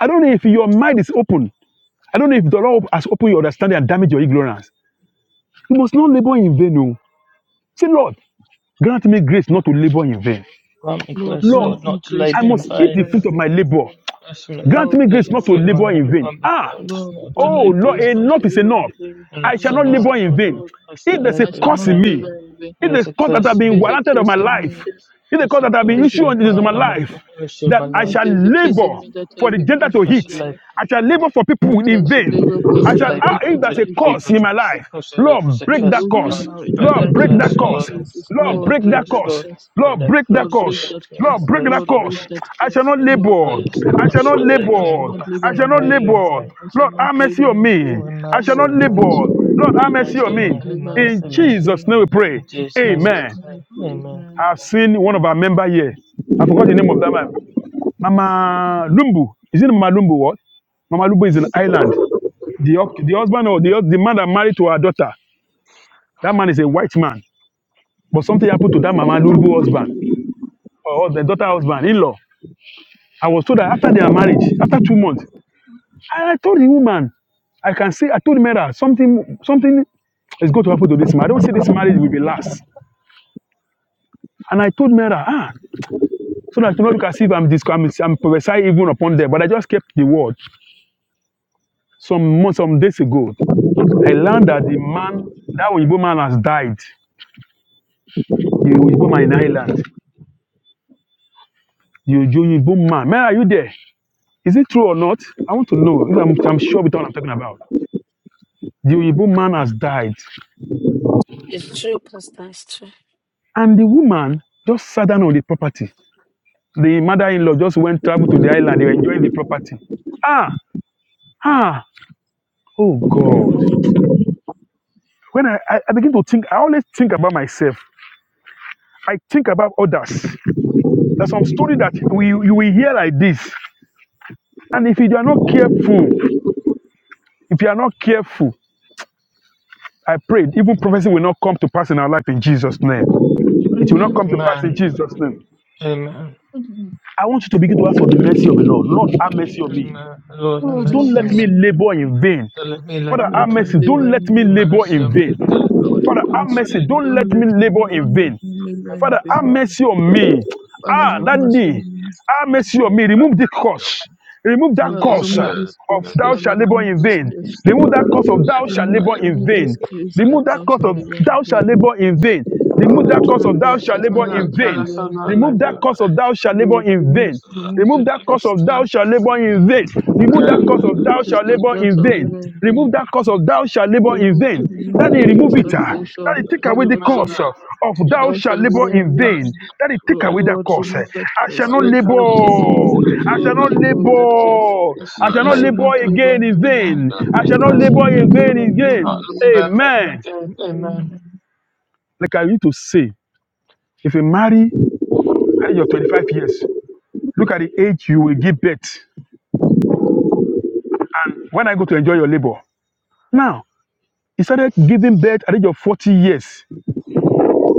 B: I don't know if your mind is open. I don't know if the Lord has opened your understanding and damaged your ignorance. You must not labor in vain. Oh. Say, Lord, grant me grace not to labor in vain.
C: Grant me
E: Lord,
C: grace,
E: grant
C: Lord,
B: Lord,
E: me
C: not to
E: grace
B: I
C: labour
E: not
C: in
E: to
B: must eat
E: live
B: the
C: vain.
E: in
B: fruit of my
E: vain.
B: labor.
C: Bless me as I should not
B: Grant
E: Lord.
C: eat
B: me
C: the
B: grace not to
C: fruit of
B: labor
C: my life.
B: in vain.
C: Grant me
B: Ah,
C: grace,
E: Lord,
C: not to
E: grant
B: oh
E: me
C: labour
B: Lord,
C: in
E: grace not to
C: vain.
B: enough is
E: labor in
B: enough.
E: vain.
B: I
C: Enough's
B: shall
E: Enough
B: not
E: is
C: enough.
B: labor in
E: enough,
B: vain.
E: Lord.
C: I should
B: If
C: not
B: there's a
E: I
C: labour
E: shall
C: in
B: curse
E: not
B: in
C: vain.
B: me,
E: labor in vain.
C: It
B: if
C: is
B: there's
C: a
B: curse that have
C: curse
E: If
C: to
B: been
E: there's
C: me.
E: a
B: warranted on
E: curse
B: my
E: in
B: life,
E: me,
B: if the
C: Yes,
B: curse
C: of
B: that have
E: if
B: been
E: there's
C: course.
E: a
C: Make
B: issued
E: curse
B: into
C: one
B: my
E: in me,
C: ML.
B: life,
C: I should
B: that
C: my
B: I
E: if
C: life.
B: shall
E: there's a curse
F: enough.
E: in
B: labor
E: me that
B: for
E: I've
B: the
E: been
B: gentile to
E: issued
C: I
E: in
C: should
E: my
B: hit.
E: life,
C: labor.
B: I shall labor for
E: that
B: people
C: I
E: I
B: in
E: should
B: vain.
E: labor for
B: I
C: should
B: shall,
E: other
B: ah,
C: labor
E: people,
B: if there's
C: to
B: a
E: it
B: curse
C: people.
B: in
C: To,
B: my life,
C: I should live
B: Lord,
C: as a
E: be
B: break that
C: curse in my
E: broken
C: life.
B: curse.
E: now in the
C: Break that
B: Lord,
E: mighty
B: break
C: curse,
B: that
E: name of
C: Lord.
B: curse.
E: Jesus.
C: Break
B: Lord,
E: Lord,
C: that
B: break
E: break
B: that
C: curse,
E: that
B: curse.
C: Lord.
E: curse.
C: Break
B: Lord,
C: that
B: break that
E: Lord,
C: curse,
E: break
C: Lord.
B: curse.
E: that
C: Break that
B: Lord,
E: curse.
B: break
C: curse,
B: that
E: Lord,
C: Lord.
E: break
B: curse.
E: that
B: I shall
E: curse.
B: not
C: Break that
E: Lord,
B: labor.
E: break.
C: curse.
B: I
C: I
B: shall
C: should
B: not
C: not
E: I
C: labor in,
E: shall
B: labor.
E: not
C: I should
E: labor
B: I shall
E: in
C: not
B: not
C: labor
E: vain.
C: in vain.
B: labor.
E: I shall
B: Lord,
E: not
B: have mercy
E: labor
B: on
E: in
B: me.
C: Oh,
E: vain.
C: have
B: I shall
C: mercy
B: not
E: Lord,
C: on
E: help
B: labor.
E: me,
C: me.
E: son.
C: Do
B: Lord, have
C: Not
E: I
B: mercy
C: labor
B: on
E: shall
C: in
E: not
C: me.
B: me.
C: Have
E: labor
B: In
C: mercy on me.
E: in
B: Jesus'
E: vain.
B: name we pray.
C: In
E: In
C: Jesus' name we
E: Jesus'
B: Amen.
C: pray.
E: name, I
C: Amen.
E: pray.
B: I've seen one of our member here. I forgot the name of that man. Mama Lumbu. Is it Mama Lumbu? What? Mama Lumbu is in Ireland. The, the husband or the, the man that married to her daughter, that man is a white man. But something happened to that Mama Lumbu husband or the daughter husband, in law. I was told that after their marriage, after two months, I, I told the woman, I can say, I told Mera, something, something is going to happen to this man. I don't say this marriage will be last. And I told Mera, ah, so that you know, look as if I'm, disc- I'm, I'm prophesying even upon them. But I just kept the word. Some months, some days ago, I learned that the man, that Oyibo man has died, the Oyibo man in Ireland. You, you, you boom man. Man, are you there? Is it true or not? I want to know if I'm, I'm sure with what I'm talking about. The Oyibo man has died.
A: It's true, Pastor. It's true.
B: And the woman just sat down on the property. The mother-in-law just went travel to the island. They were enjoying the property. Ah, ah, oh God. When I, I, I begin to think, I always think about myself. I think about others. There's some story that we, you will hear like this. And if you are not careful, if you are not careful, I pray even prophecy will not come to pass in our life in Jesus' name. It will not
E: amen.
B: come to pass in
C: Amen.
B: Jesus' name.
C: Amen.
E: Amen.
B: I want you to begin to ask for the mercy of the Lord. Lord, have mercy on me.
C: Amen. Lord, have
E: Lord, help
B: Don't
C: mercy
E: me
B: let
C: on
B: me
C: me.
E: soon.
B: labor in vain.
C: The Lemhi
E: Don't
B: Father,
E: let
C: Lycum
B: have
E: me
B: mercy.
C: Tide
E: labor
B: Don't
C: was
B: let
E: in
B: me
C: the
E: vain.
B: labor
C: mercy
B: in
C: of me,
B: vain.
C: the Lemhi
E: Lord,
B: Father,
E: help me
C: Lycum
B: have mercy.
C: Tide,
E: soon.
B: Don't
E: Don't
B: let
E: let
B: me
E: me,
B: labor in
E: don't let
B: vain.
E: me labor
C: have
E: in
B: Father, have
C: mercy
E: vain.
C: on me,
B: mercy on me.
E: Father,
B: Ah,
E: help
B: that
E: me
B: day,
E: soon.
C: Jesus,
B: have mercy on me.
C: have
B: Remove the
C: mercy on
B: curse.
C: me.
B: Remove that
C: May
E: Father,
C: this
B: curse uh,
E: remove
C: curse,
E: this
B: of
C: may
E: case.
B: thou
C: this
E: Father,
B: shalt labor
E: remove
B: in
C: curse,
E: this
B: vain.
E: case.
B: Remove
C: have
B: that curse
C: mercy
B: of
C: on
B: thou
C: me,
B: shalt
E: Remove,
B: labor
C: Tide,
B: in
E: remove this
B: vain.
E: case
C: may
E: that
B: Remove that
C: this
E: thou
B: curse
E: shalt
B: of
C: curse,
E: labor in
B: thou shalt
E: vain.
B: labor in vain. Remove
E: Lord,
B: that curse of
E: remove
B: thou
E: that
B: shalt
E: case
C: may
E: that
B: labor
C: that
E: thou
B: in
E: shalt
B: vain.
C: curse
E: labor
C: of
E: in
C: that
B: Remove
E: vain.
B: that
C: Lycum
B: curse of
C: Tide,
B: thou shalt labor
E: Lord,
B: in
E: remove,
B: vain.
C: so that
E: remove
C: she
E: that
B: Remove that curse
C: Lycum
E: case,
B: of thou
E: Lord.
B: shalt labor in vain. Remove that
C: Tide,
B: curse
C: may
E: Remove
B: of
C: the
E: that
B: thou
E: case
B: shalt
E: that
C: curse of
B: labor
E: thou
B: in
C: that Lycum
E: shalt
C: Tide
B: vain.
E: labor in vain.
B: Remove that cause of thou shalt
E: They
B: labor in
E: will
B: vain.
E: remove that
B: Daddy, remove
E: curse
B: it.
E: that
B: ah.
E: they shall
B: Daddy, take away the
E: that
C: remove
E: shall
B: cause
C: it,
B: ah, of
C: by the
B: thou
E: thou shall
B: shalt
E: leave
B: labor
C: curse,
E: in
B: in
C: that
E: vain.
B: vain.
C: she
B: Daddy, take
E: Lord,
B: away that
E: Lord,
B: cause. eh.
E: remove that
B: I shall
E: curse.
B: not
C: Lycum
E: Lord, Lord, take away,
B: labor.
C: Tide, by the
B: I
C: curse,
B: shall
E: Lord,
B: not
E: take away that curse.
B: labor.
C: It's
B: I
C: not
B: shall
E: I
B: not
E: shall
C: labor,
E: not
B: labor
C: but
E: labor
B: again
E: in
B: in
C: now
E: vain.
B: vain. I
C: birthday
B: shall not
E: I shall
C: brain.
B: labor
E: not
B: in vain
E: labor again
C: Not
E: in
B: again.
E: vain.
C: lost
B: Amen.
C: birthday again, amen.
B: Like I need to say, if you marry at your 25 years, look at the age you will give birth and when I go to enjoy your labor. Now, instead of giving birth at your 40 years.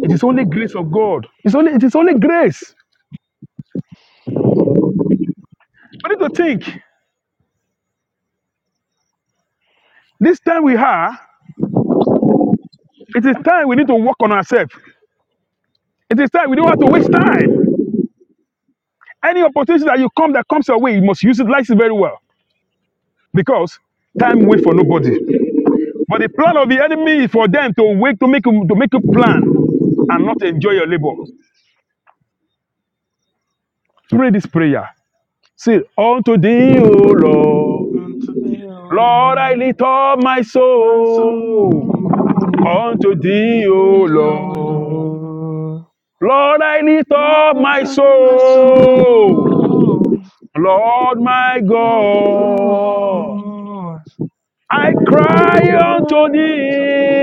B: It is only grace of God. It's only it is only grace. We need to think. This time we have, it is time we need to work on ourselves. It is time we don't have to waste time. Any opportunity that you come that comes your way, you must use it like it very well. Because time waits for nobody. But the plan of the enemy is for them to wait to make you to make you plan and not enjoy your labor. Pray this prayer. Say, unto thee, O Lord.
C: Unto thee, O
B: Lord,
C: Lord,
B: I lift up my
C: my
B: soul
C: soul,
B: unto thee, O
C: thee, O
B: Lord.
C: Lord.
B: Lord, I lift
C: Now
B: up
C: lift
B: my
C: up my
B: soul.
C: soul,
B: Lord, my
C: my
B: God.
C: Lord,
B: I cry unto
C: unto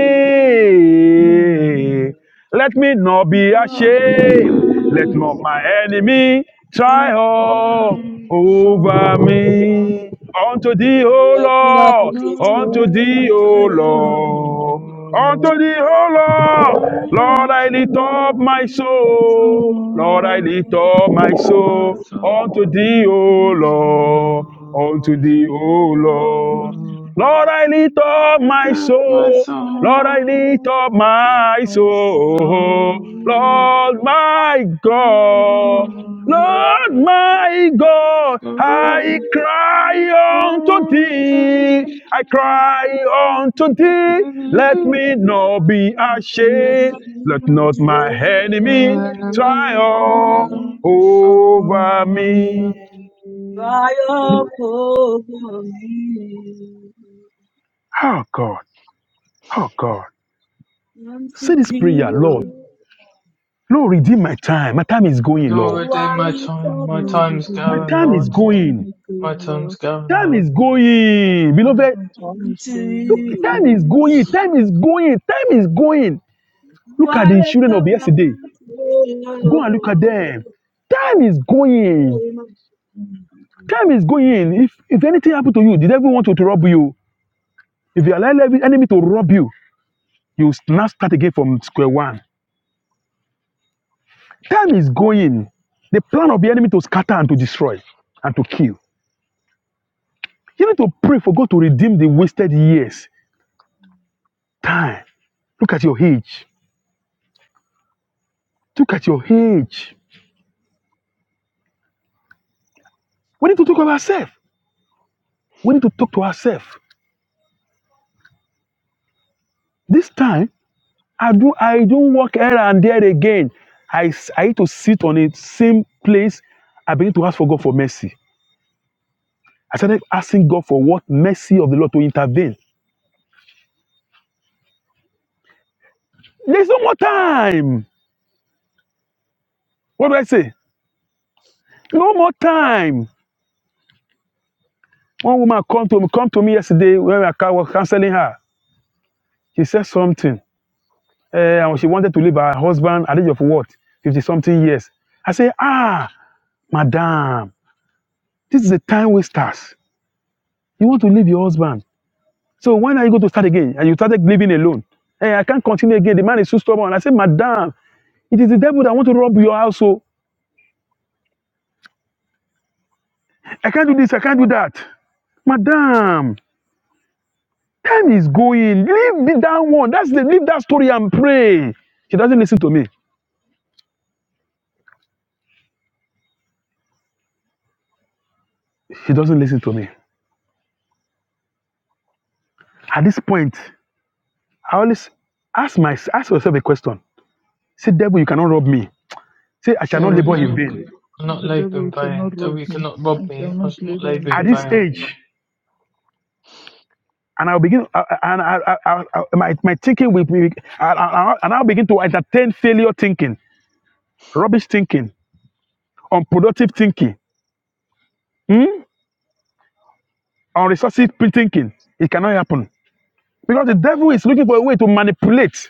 C: thee.
B: Let me not be
C: I love
B: ashamed. Let
C: thee,
E: Amen.
B: not my enemy
C: thee, thee,
B: triumph
C: thee,
B: over me.
C: so
B: Unto thee, O
F: Let me love
B: Lord.
F: be expressed.
C: No,
B: Unto thee,
C: I'm
B: O
C: telling you,
B: Lord.
C: no.
B: Unto thee, O Lord.
C: No,
B: Lord, I lift
C: I'm
B: up my
C: not
B: soul. Lord, I
C: so,
B: lift up my
C: I'm not
B: soul. Unto
C: so,
B: thee, O Lord.
C: no.
B: Unto thee,
C: Oh,
B: O Lord.
C: no,
B: Lord, I lift up
C: I'm
B: my
C: not my
B: soul. Lord,
C: soul,
B: I lift up
C: I'm not
B: my
C: my
B: soul.
C: soul.
B: Lord, my
C: No,
B: God.
E: Lord,
B: Lord, my God.
C: no,
B: I cry unto
C: I'm telling
B: thee. I
C: you,
B: cry unto thee. Let
C: it
B: me not be
C: is my
B: ashamed. Let not my enemy
C: Lord,
B: triumph over me.
F: Cry up over me.
B: Oh God. Oh God.
F: Unto
B: Say this prayer, Lord.
F: you,
B: Lord, redeem my time. My time is going, Lord.
F: do
C: they
F: I
C: my
F: lift
C: time,
F: up
C: my
F: my
E: you
C: time's
F: hand
E: give
B: My
E: my
C: going,
B: time
C: Lord.
B: is
E: time, my time
B: going.
E: is
C: My
E: going,
C: time's
E: Lord.
C: going,
B: Time
C: Lord.
B: is going. Beloved,
E: My time is
F: to
E: going,
B: look,
E: Lord.
B: time
E: Forgive
F: you?
B: is going. Time is going. Time is going.
F: Do
B: Look at
F: I
B: the
E: Mm.
F: lift
B: children
F: up
B: of
F: my
B: yesterday.
F: hands?
B: Go and look at them. Time is going.
F: Oh,
B: Time is going. If, if anything happened to you, the devil want to, to rob you. If you allow every enemy to rob you, you now start again from square one. Time is going. The plan of the enemy to scatter and to destroy and to kill. You need to pray for God to redeem the wasted years time. Look at your age. Look at your age. We need to talk about ourselves. We need to talk to ourselves. This time, I do I don't walk here and there again. I, s- I need to sit on the same place. I begin to ask for God for mercy. I started asking God for what mercy of the Lord to intervene. There's no more time. What do I say? No more time. One woman come to me, come to me yesterday when I was counseling her. She said something. Eh, and she wanted to leave her husband at the age of what 50 something years i said ah madam this is a time wasters you want to leave your husband so when are you going to start again and you started living alone hey i can't continue again the man is too stubborn i said madam it is the devil that want to rob your house so i can't do this i can't do that madam time is going leave the- that one that's the leave that story and pray she doesn't listen to me she doesn't listen to me at this point i always ask my ask yourself a question Say, devil, you cannot rob me. Say, I shall not
C: Devil, you
B: labor
E: Therefore,
B: in
C: not,
E: The
B: vain.
C: not
E: the
C: labour
E: devil
C: in vain.
E: cannot
C: Devil,
E: rob
C: you
E: me.
C: cannot rob
E: I shall
C: me. I
E: not
C: was not
E: labor
C: labour
E: in
B: At
C: in
E: vain.
B: this
C: vain.
B: age, and I'll begin, uh, uh, and I, I, I, I- my, my thinking will be, I, I, I- and I'll begin to entertain failure thinking, rubbish thinking, unproductive thinking, hmm? unresourceful thinking. It cannot happen. Because the devil is looking for a way to manipulate.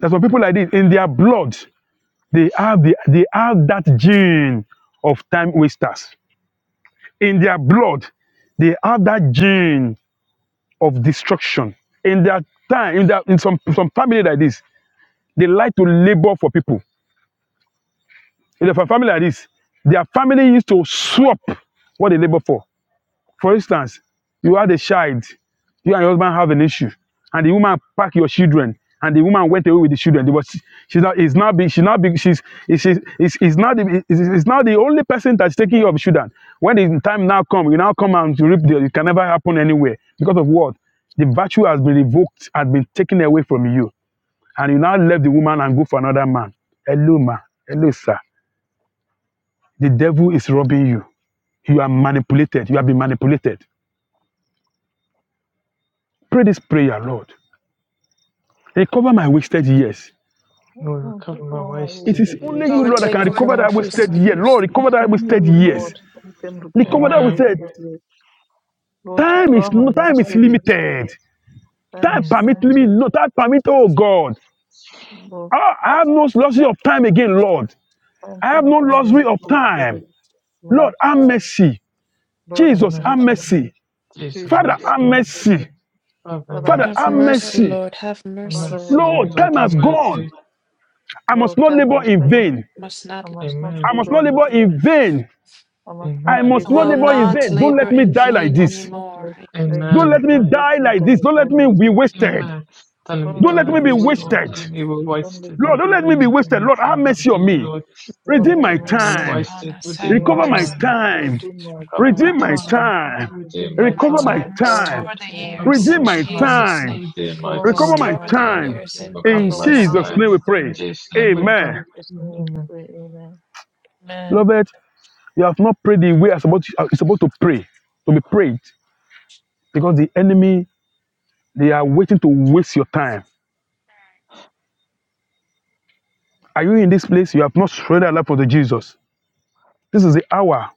B: There's some people like this, in their blood, they have, the, they have that gene of time wasters. In their blood, they have that gene of destruction. In that time, in that in some some family like this, they like to labor for people. In a family like this, their family used to swap what they labor for. For instance, you had a child, you and your husband have an issue, and the woman packed your children, and the woman went away with the children. They was she's not is not be she's not be she's is she's is not the is, is not the only person that's taking care of children. When the time now come, you now come and you reap the it can never happen anywhere because of what the virtue has been revoked, has been taken away from you, and you now left the woman and go for another man. Hello, ma. Hello, sir. The devil is robbing you. You are manipulated. You have been manipulated. Pray this prayer, Lord. Recover my wasted years.
E: Help
C: Lord,
E: me to
C: recover my
E: cover my
B: It
C: wasted
B: is
E: wasted years.
B: only
C: years.
B: you,
G: Lord,
B: Lord, that can
G: take over
B: recover
G: my
B: that wasted
G: first
B: year. Lord,
G: years.
B: recover
E: It's
B: that
E: only
B: wasted
E: you,
B: years.
E: Lord, who can recover
B: Recover
E: my
B: that
C: Amen.
B: wasted
E: wasted years. Lord,
B: time
E: recover
B: is
E: my
B: no time is
E: wasted years.
B: limited.
E: Time
B: Time
E: is
C: Mm,
B: permit me
E: limited.
B: no time permit. Oh God,
E: Lord,
B: I, I have no luxury of time again, Lord.
E: time
B: I have
E: seems
B: no
E: no one
B: luxury
E: to
B: of
E: wait for
B: time.
E: it.
B: Lord,
E: Lord,
B: have mercy.
E: Lord, have
B: Jesus,
C: amen.
B: have
E: mercy.
B: mercy.
C: Jesus, have
B: Father,
E: Jesus, have
B: have
C: mercy.
E: mercy.
B: mercy.
C: Father, have
E: Father,
B: Father,
E: have
G: Have
C: mercy.
B: have
E: mercy.
G: mercy,
B: mercy.
G: Lord, have
C: Have
G: mercy upon
E: Father, have
C: mercy,
B: Lord,
E: mercy.
C: Lord,
B: time
C: have
B: has gone.
C: mercy.
B: I must
E: Lord,
B: not
E: time
B: labor
E: has
B: in
E: gone.
B: vain.
G: me. I Must
E: I
G: not
E: must
G: labor
E: not
C: Amen.
B: I
G: in
B: must
E: labor
G: vain.
B: not
E: in
B: labor
E: vain.
B: in
G: Amen.
B: vain.
E: I must not
B: I
C: Amen.
G: I
B: must
E: labor
B: not
G: will
E: in
B: labor
E: vain.
B: in
G: not
B: vain. Don't
G: labor
B: let me
G: in
B: die
E: I
B: like
G: vain
E: must
B: this.
E: not
G: anymore.
E: let, uh,
B: Don't
E: not
C: Amen.
B: let me
E: don't let
B: die
E: me
B: like
E: die,
B: this. Don't
E: die
B: let me
E: like
B: be
E: this.
B: wasted.
C: Amen. Tell me,
E: Don't let
B: Don't let
C: dolorous
E: me
B: me
C: Lord,
E: be
B: be
C: yes, Lord.
E: wasted.
B: wasted.
C: tell me we're
E: Don't let
C: wasted,
E: me
B: Lord,
C: Lord.
B: don't
E: be
B: let me be
C: Amen.
E: wasted.
B: wasted.
C: Heavenly
B: Lord, have
C: Father,
B: mercy
C: tell
B: on
C: me,
B: me.
C: Lord,
E: Lord
C: Lord,
B: Redeem
E: have
C: tell
B: my
G: Have
E: mercy
C: me we
G: mercy
E: on me.
B: time.
G: upon
C: wasted.
G: us. Have
C: Redeem my
B: Recover
E: Lord,
B: my
C: time.
G: mercy.
B: time.
E: redeem my
C: Recover my
E: time.
B: Redeem
G: Our
B: my
C: time.
G: time.
B: time.
E: Redeem
C: Redeem
G: In
C: my
E: my
G: my
B: Recover my
E: time.
C: time.
G: time,
E: Recover my
B: time.
G: restore the
E: time.
C: Recover
G: years in
B: Redeem
C: my
B: my
C: time.
G: Jesus'
B: time.
G: name.
C: Redeem my
E: Recover my
B: Recover
C: time.
B: my
G: Restore
E: time.
G: the
B: time.
G: years
E: Re-
G: in
C: Recover
B: In
E: Recover
C: my
E: my
G: Jesus'
B: Jesus'
G: name.
C: time.
B: name we
E: time.
C: In
B: pray.
C: Jesus' name we
E: In
B: Amen.
C: pray.
E: Jesus' name we
C: Amen.
E: pray. Amen.
G: Amen.
B: Beloved, you have not prayed the way I'm you're supposed to pray, to be prayed, because the enemy They are waiting to waste your time. Are you in this place? You have not surrendered your life unto Jesus. This is the hour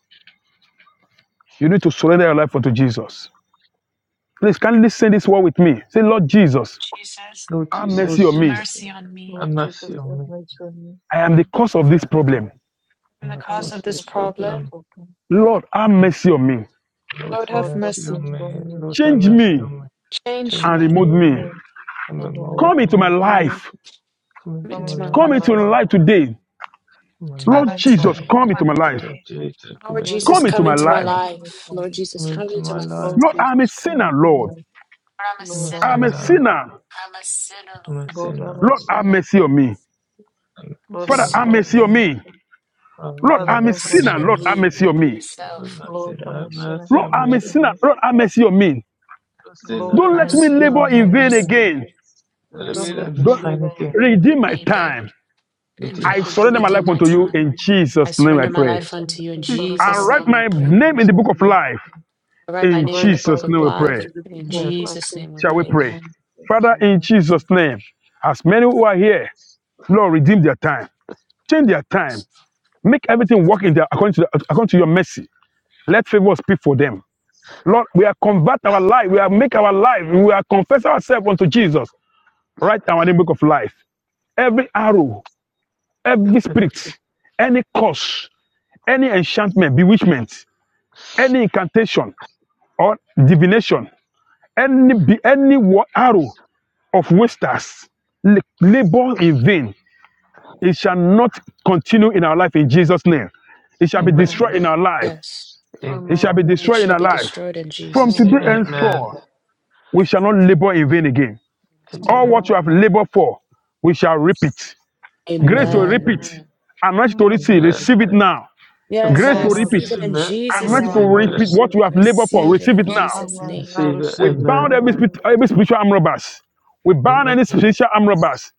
B: you need to surrender your life unto Jesus. Please kindly say this word with me. Say, Lord
G: Lord
B: Jesus,
G: Jesus,
C: Lord
B: have mercy
E: Thank
C: Jesus,
B: on
G: have
B: me.
E: you, Jesus.
G: mercy on me.
C: have
E: Lord Jesus,
C: mercy on
E: have
C: me.
E: mercy on me.
B: I am the cause of this
C: Amen.
B: problem.
G: I'm the
C: And
E: I'm
G: cause
E: the
C: across
G: of this
C: this
E: source of this
G: problem.
C: problem,
E: broken.
B: Lord, have mercy on me.
C: Lord,
G: Lord,
C: have
E: Lord,
G: have
E: have
C: mercy
G: mercy
E: mercy
G: on
C: on me.
G: me.
E: on me.
C: Lord, have
B: Change
C: mercy
B: me
C: on me.
G: Change
C: Change
B: and
G: me.
B: remove
E: Change
C: me
B: me.
E: me
C: and
E: and
C: remold
E: remove
B: Come into
C: me.
E: me.
B: my life.
C: Come
G: Come
C: into
E: Come
C: my
G: into
E: into
G: my
B: Come
E: my
C: life,
G: life.
E: life.
B: into my life today.
G: Come
C: my
G: into my
E: Come
B: Lord
C: life
G: life
E: into my
C: today.
B: Jesus,
G: today.
E: life
B: come into my
E: today.
B: life.
C: Lord Jesus, come
G: Lord
E: Lord
C: into my
G: Jesus,
B: Come into
G: come
E: Jesus,
B: my
G: into
C: life,
G: my
E: come
B: life.
E: into
G: life.
E: my
G: Lord
E: life.
G: Jesus,
C: come
G: come
C: into
G: into
C: my
G: my life.
E: Lord
C: life.
B: Lord, I'm a
E: Jesus, come
B: sinner,
E: into my
B: Lord.
E: life.
G: Lord, I'm a
C: I'm
E: Lord,
C: a
E: I'm a
G: sinner.
B: I'm a
C: sinner,
E: sinner.
B: sinner.
G: I'm a sinner,
C: I'm a
G: Lord.
E: Lord, I'm
C: sinner.
E: a
B: Lord, have
E: sinner.
B: mercy on me.
C: Have
G: I'm a
E: Lord,
C: mercy
B: Father,
C: on
E: have
C: me.
B: have
G: sinner.
E: mercy
B: mercy on
E: on me.
B: me.
C: Father,
B: Lord,
C: have
E: Father,
B: I'm
G: I'm
B: a
G: a
E: have
C: mercy on
B: sinner.
E: mercy
G: sinner,
B: Lord,
C: me.
E: on me.
B: have
G: me,
B: mercy on me.
C: Lord, have
G: myself, me.
C: mercy,
E: Lord, I'm a
C: have
E: sinner.
C: mercy
E: Have
B: Lord,
C: on me.
B: I'm a
E: mercy on
B: sinner.
E: me.
B: Lord, have mercy on me.
C: I'm a sinner,
E: Lord,
B: Don't
E: I'm
C: have
B: let
E: a
B: me
C: mercy
E: sinner.
G: Mercy.
B: labor
E: Have
C: on
G: Have
B: in
E: mercy
B: vain
C: me.
E: on me.
G: mercy.
B: again.
G: Have
C: Let
E: Don't
C: me
G: mercy on
E: let
C: live
G: me.
C: this
E: me
B: Don't
C: fight
E: labor in
C: again
E: vain
G: Let
B: redeem my
G: me,
E: again.
G: babe,
B: time.
C: with
G: in
C: you.
B: I
E: To
G: vain.
E: do
B: surrender my
E: my
G: Redeem
B: life
G: my
B: unto
E: time
B: you
G: time.
B: in
G: I
B: Jesus' name. I
G: surrender my
B: pray.
G: life
E: as I'm
G: unto you. In
E: Father, no
B: I
E: my
G: Jesus'
E: life
B: write
G: name we
B: my
E: in
G: pray.
B: name in the
E: Jesus'
B: book of
E: name.
B: life
G: I write my
B: in
G: name in
E: Write
G: the
E: my
G: book
B: Jesus'
G: of
B: name. We
E: name
G: life.
B: pray.
E: into the book
G: In
E: of
C: Amen.
E: life
G: Jesus'
E: in
G: name we
B: Shall we
G: pray.
E: Jesus'
B: pray?
E: name.
B: Father, in
E: Amen.
B: Jesus' name, as many who are here, Lord, redeem their time, change their time, make everything work in their according to, the, according to your mercy. Let favor speak for them. Lord, we are convert our life. We are make our life. We are confess ourselves unto Jesus. Right now in the book of life. Every arrow, every spirit, any curse, any enchantment, bewitchment, any incantation or divination, any any arrow of wasters, labor in vain. It shall not continue in our life in Jesus' name. It shall be
C: Amen.
E: Amen.
B: destroyed in our life.
G: Yes.
C: Amen.
B: It shall
E: Amen.
B: be
G: It
B: destroyed in
G: shall
B: our
G: be
B: life.
G: destroyed in
B: From
G: Jesus'
B: today
G: name.
E: Amen.
C: Amen.
B: henceforth, we shall not labor in vain again. All
C: Amen.
B: what
E: Amen.
B: you have labored for, we shall reap it. Grace to
C: Amen.
E: Amen.
B: reap
G: Amen.
B: it. Anointing to
E: Amen.
B: receive,
C: Amen.
B: receive it now.
C: I
G: Yes, I
B: Grace
C: receive
B: to
E: Amen. I
B: reap
G: receive
C: it.
B: it.
G: it
E: receive.
G: in
C: Amen. I
G: Jesus'
B: Anointing to
E: Amen.
G: name.
C: receive
E: I
B: reap
C: it.
B: it. What
E: receive.
B: you
G: I
B: have labored for,
G: receive it
B: receive
G: in
B: it now.
G: Jesus'
C: I
G: name.
E: Amen. I
C: receive it.
B: We
E: receive.
C: Amen.
B: bound every,
E: Amen.
B: spirit- every spiritual arm robbers. We bound
C: Amen.
B: any spiritual arm robbers.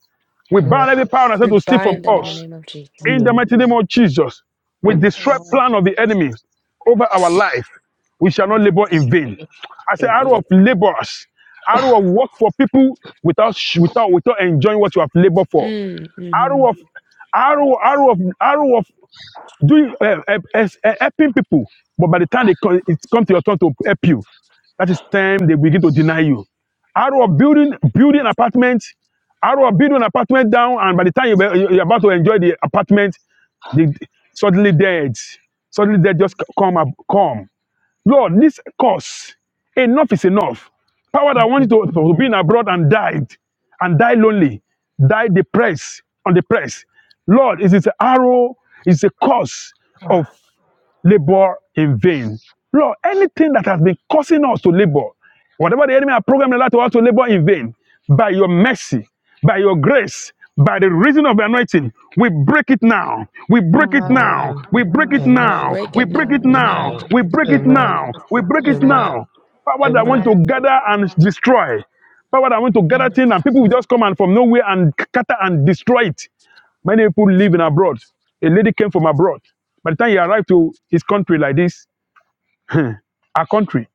B: We
C: Amen.
B: bound every power that said
G: We
B: to steal from
G: bind them in the
B: us.
G: name of Jesus.
B: In the
E: Amen.
C: Amen.
B: mighty name of Jesus, we
C: Amen.
B: destroy plan of the enemy over our
G: Yes.
B: life. We shall not
E: Amen.
B: labor in vain. I say arrow
C: Amen.
B: of laborers, arrow of work for people without sh- without without enjoying what you have labored for.
G: Mm, hmm
B: Arrow of arrow arrow of arrow of doing uh, uh, uh, uh, helping people, but by the time they come, it comes to your turn to help you, that is time they begin to deny you. Arrow of building building apartment, arrow of building an apartment down, and by the time you, be- you- you're about to enjoy the apartment, the suddenly dead, suddenly dead just c- come up, come. Lord, this curse, enough is enough. Power that wanted
C: Amen.
B: to, to be in abroad and died, and die lonely, die depressed, on the press. Lord, it is an arrow, it's a curse of labor in vain. Lord, anything that has been causing us to labor, whatever the enemy has programmed in our to us to labor in vain, by your mercy, by your grace, by the reason of the anointing, we break it now. We break it
E: Amen.
B: now.
C: Amen.
B: We break
E: Amen.
B: it
G: We
C: Amen.
B: now.
G: break
B: We
G: it
B: break
G: now
B: it
G: in the
C: Amen.
G: name
B: now.
G: of
B: We break it
C: Amen.
B: now.
E: Amen.
B: We break it now.
E: Amen.
B: Power that wants
C: Amen.
B: to gather and destroy. Power that wants to gather
C: Amen.
B: things and people will just come and from nowhere and scatter and destroy it. Many people live in abroad. A lady came from abroad. By the time he arrived to his country like this, our country,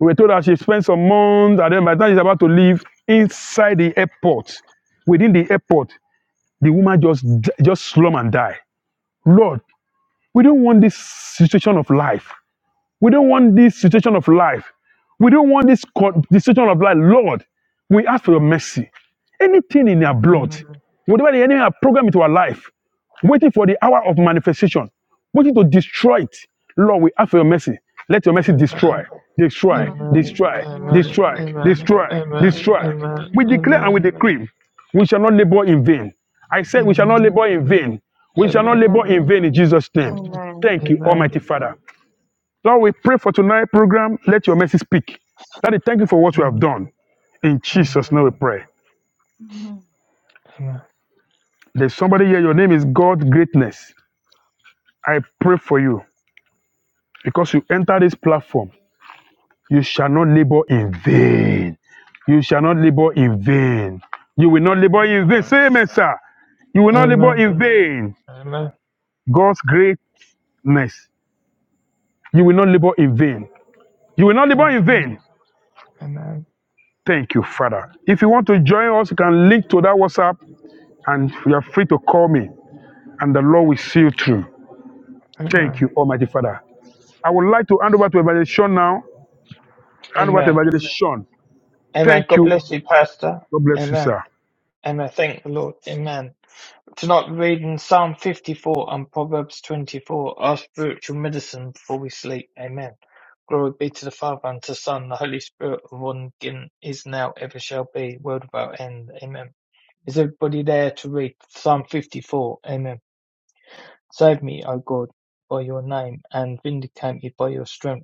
B: we were told that she spent some months, and then by the time she's about to leave, inside the airport, within the airport, the woman just just slum and die. Lord, we don't want this situation of life. We don't want this situation of life. We don't want this, co- this situation of life. Lord, we ask for your mercy. Anything in our blood,
C: Amen.
B: whatever the enemy has programmed into our life, waiting for the hour of manifestation, waiting to destroy it. Lord, we ask for your mercy. Let your mercy destroy,
C: Amen.
B: destroy,
E: Amen. Amen.
C: Amen. Amen.
B: destroy,
C: Amen.
E: Amen.
B: destroy,
C: Amen. Amen.
B: destroy,
E: Mhm. Amen. Amen.
B: destroy. We
E: Amen.
B: declare and we
C: Amen.
B: decree, we shall not labor in vain. I said, we shall
C: Amen.
B: not
E: Amen.
B: labor in vain. We shall not
C: Amen. Amen.
B: labor in
E: Amen. Amen.
B: vain in Jesus'
C: Amen. Amen. Amen. Amen.
B: name.
E: Amen.
B: Thank you, Almighty Father. Lord, we pray for tonight's program. Let your mercy speak. Daddy, thank you for what you have done. In Jesus' name we pray.
E: Amen.
B: There's somebody here, your name is God Greatness. I pray for you because you enter this platform. You shall not labor in vain. You shall not labor in vain. You will not labor in vain. Say amen, sir. You will not labor
C: Amen. Amen. Amen.
B: in vain. God's greatness. You will not labor in vain. You will not labor in vain.
C: Amen.
B: Thank you, Father. If you want to join us, you can link to that WhatsApp and you are free to call me, and the Lord will see you through. Thank you,
C: Amen.
B: Almighty Father. I would like to hand over to Evangelist Shaun now. Hand over to
C: Amen.
B: Evangelist Shaun.
C: Amen.
B: Thank
C: God
B: you.
C: bless you, Pastor.
B: God bless you,
C: Amen.
B: sir.
C: And I thank the Lord. Amen. Tonight we're reading Psalm 54 and Proverbs 24, our spiritual medicine before we sleep. Amen. Glory be to the Father and to the Son, and the Holy Spirit, and one again is now, ever shall be, world without end. Amen. Is everybody there to read Psalm 54? Amen. Save me, O God, by your name, and vindicate me by your strength.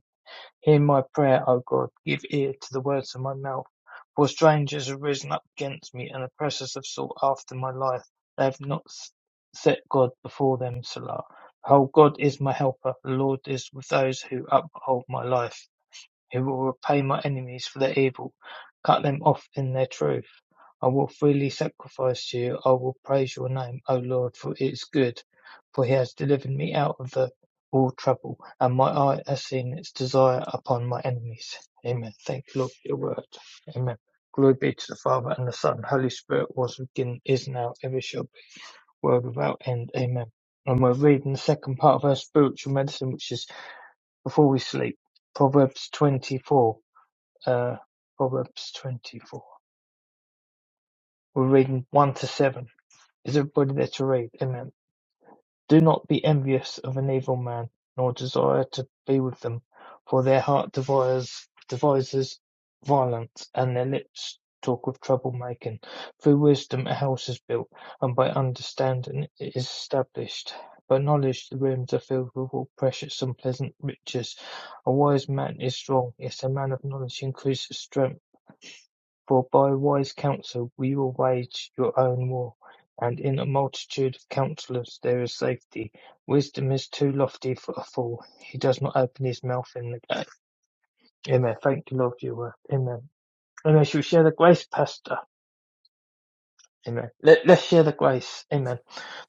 C: Hear my prayer, O God, give ear to the words of my mouth. For strangers have risen up against me, and oppressors have sought after my life. They have not set God before them, Salah. Behold, God is my helper. The Lord is with those who uphold my life. He will repay my enemies for their evil, cut them off in their truth. I will freely sacrifice to you. I will praise your name, O Lord, for it is good, for he has delivered me out of the all trouble, and my eye has seen its desire upon my enemies. Amen. Thank you, Lord, for your word. Amen. Glory be to the Father and the Son, Holy Spirit, was beginning, is now, ever shall be, world without end. Amen. And we're reading the second part of our spiritual medicine, which is before we sleep. Proverbs 24. Uh, Proverbs 24. We're reading 1 to 7. is everybody there to rape? Amen. Do not be envious of an evil man, nor desire to be with them, for their heart devises, devises violence, and their lips talk of troublemaking. Through wisdom a house is built, and by understanding it is established. By knowledge the rooms are filled with all precious and pleasant riches. A wise man is strong, yes, a man of knowledge increases strength. For by wise counsel we will wage your own war, and in a multitude of counsellors there is safety. Wisdom is too lofty for a fool. He does not open his mouth in the day. Amen. Thank you, Lord, for your word. Amen. And I shall share the grace, Pastor. Amen. Let, let's share the grace. Amen.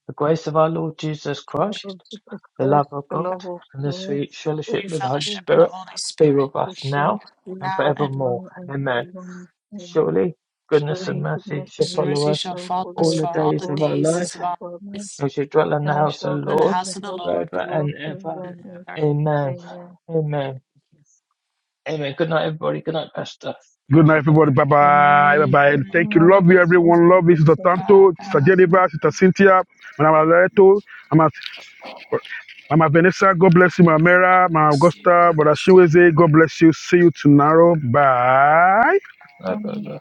C: The grace of our Lord Jesus
E: To the
C: Christ,
G: Jesus.
E: Lordship of
C: the
E: Christ,
C: love of
E: the
C: God,
E: love of
C: and the
E: God,
C: sweet
G: We
C: fellowship
E: the
C: of the
E: fellowship
C: Holy
E: of
G: fellowship of the
C: Spirit
G: Holy
C: be
G: Spirit
C: with
E: the
C: us now
E: Spirit,
C: and
G: now
E: Jesus,
G: and
C: forevermore.
E: now and
C: Amen.
E: forevermore. Amen.
C: Surely goodness and
E: Surely
G: truly.
C: mercy
E: goodness
C: shall
G: His
E: and
C: follow
G: mercy
E: mercy
C: us
G: shall
E: shall
G: follow us
C: all
E: follow us
G: for
C: the
G: all the
C: days of
E: all
C: our
E: the
G: days
E: days
C: life.
G: of
E: of
G: our
E: our life,
G: lives
C: We shall dwell in
E: and
C: the
E: we
C: house of
E: shall
C: the
E: dwell
G: in the
C: Lord
E: in
G: house
E: the
G: of the
E: house of
G: Lord
C: forever
E: the Lord
C: and ever.
E: forever and ever.
G: forever.
C: Amen.
E: Amen.
C: Amen. Amen. Good night, everybody. Good night, Pastor.
B: Good night, everybody. Bye bye. Bye
G: Amen.
B: bye.
C: Bye bye
E: Good
B: Thank you.
C: bye
B: Love
E: morning.
B: you,
E: Good
B: everyone. Love you, Sister
E: morning. Good morning.
B: Tanto, Sister
G: Bye.
E: Good
B: Jennifer, Sister Cynthia, Mama Loreto, Mama, Mama Vanessa. God bless you, Mama
G: God
B: Mera, Mama
G: bless
B: Augusta,
G: you,
B: Brother
G: Pastor.
B: Shiweze. God bless you. See you tomorrow. Bye.
C: bye. Bye bye
E: morning.
C: bye.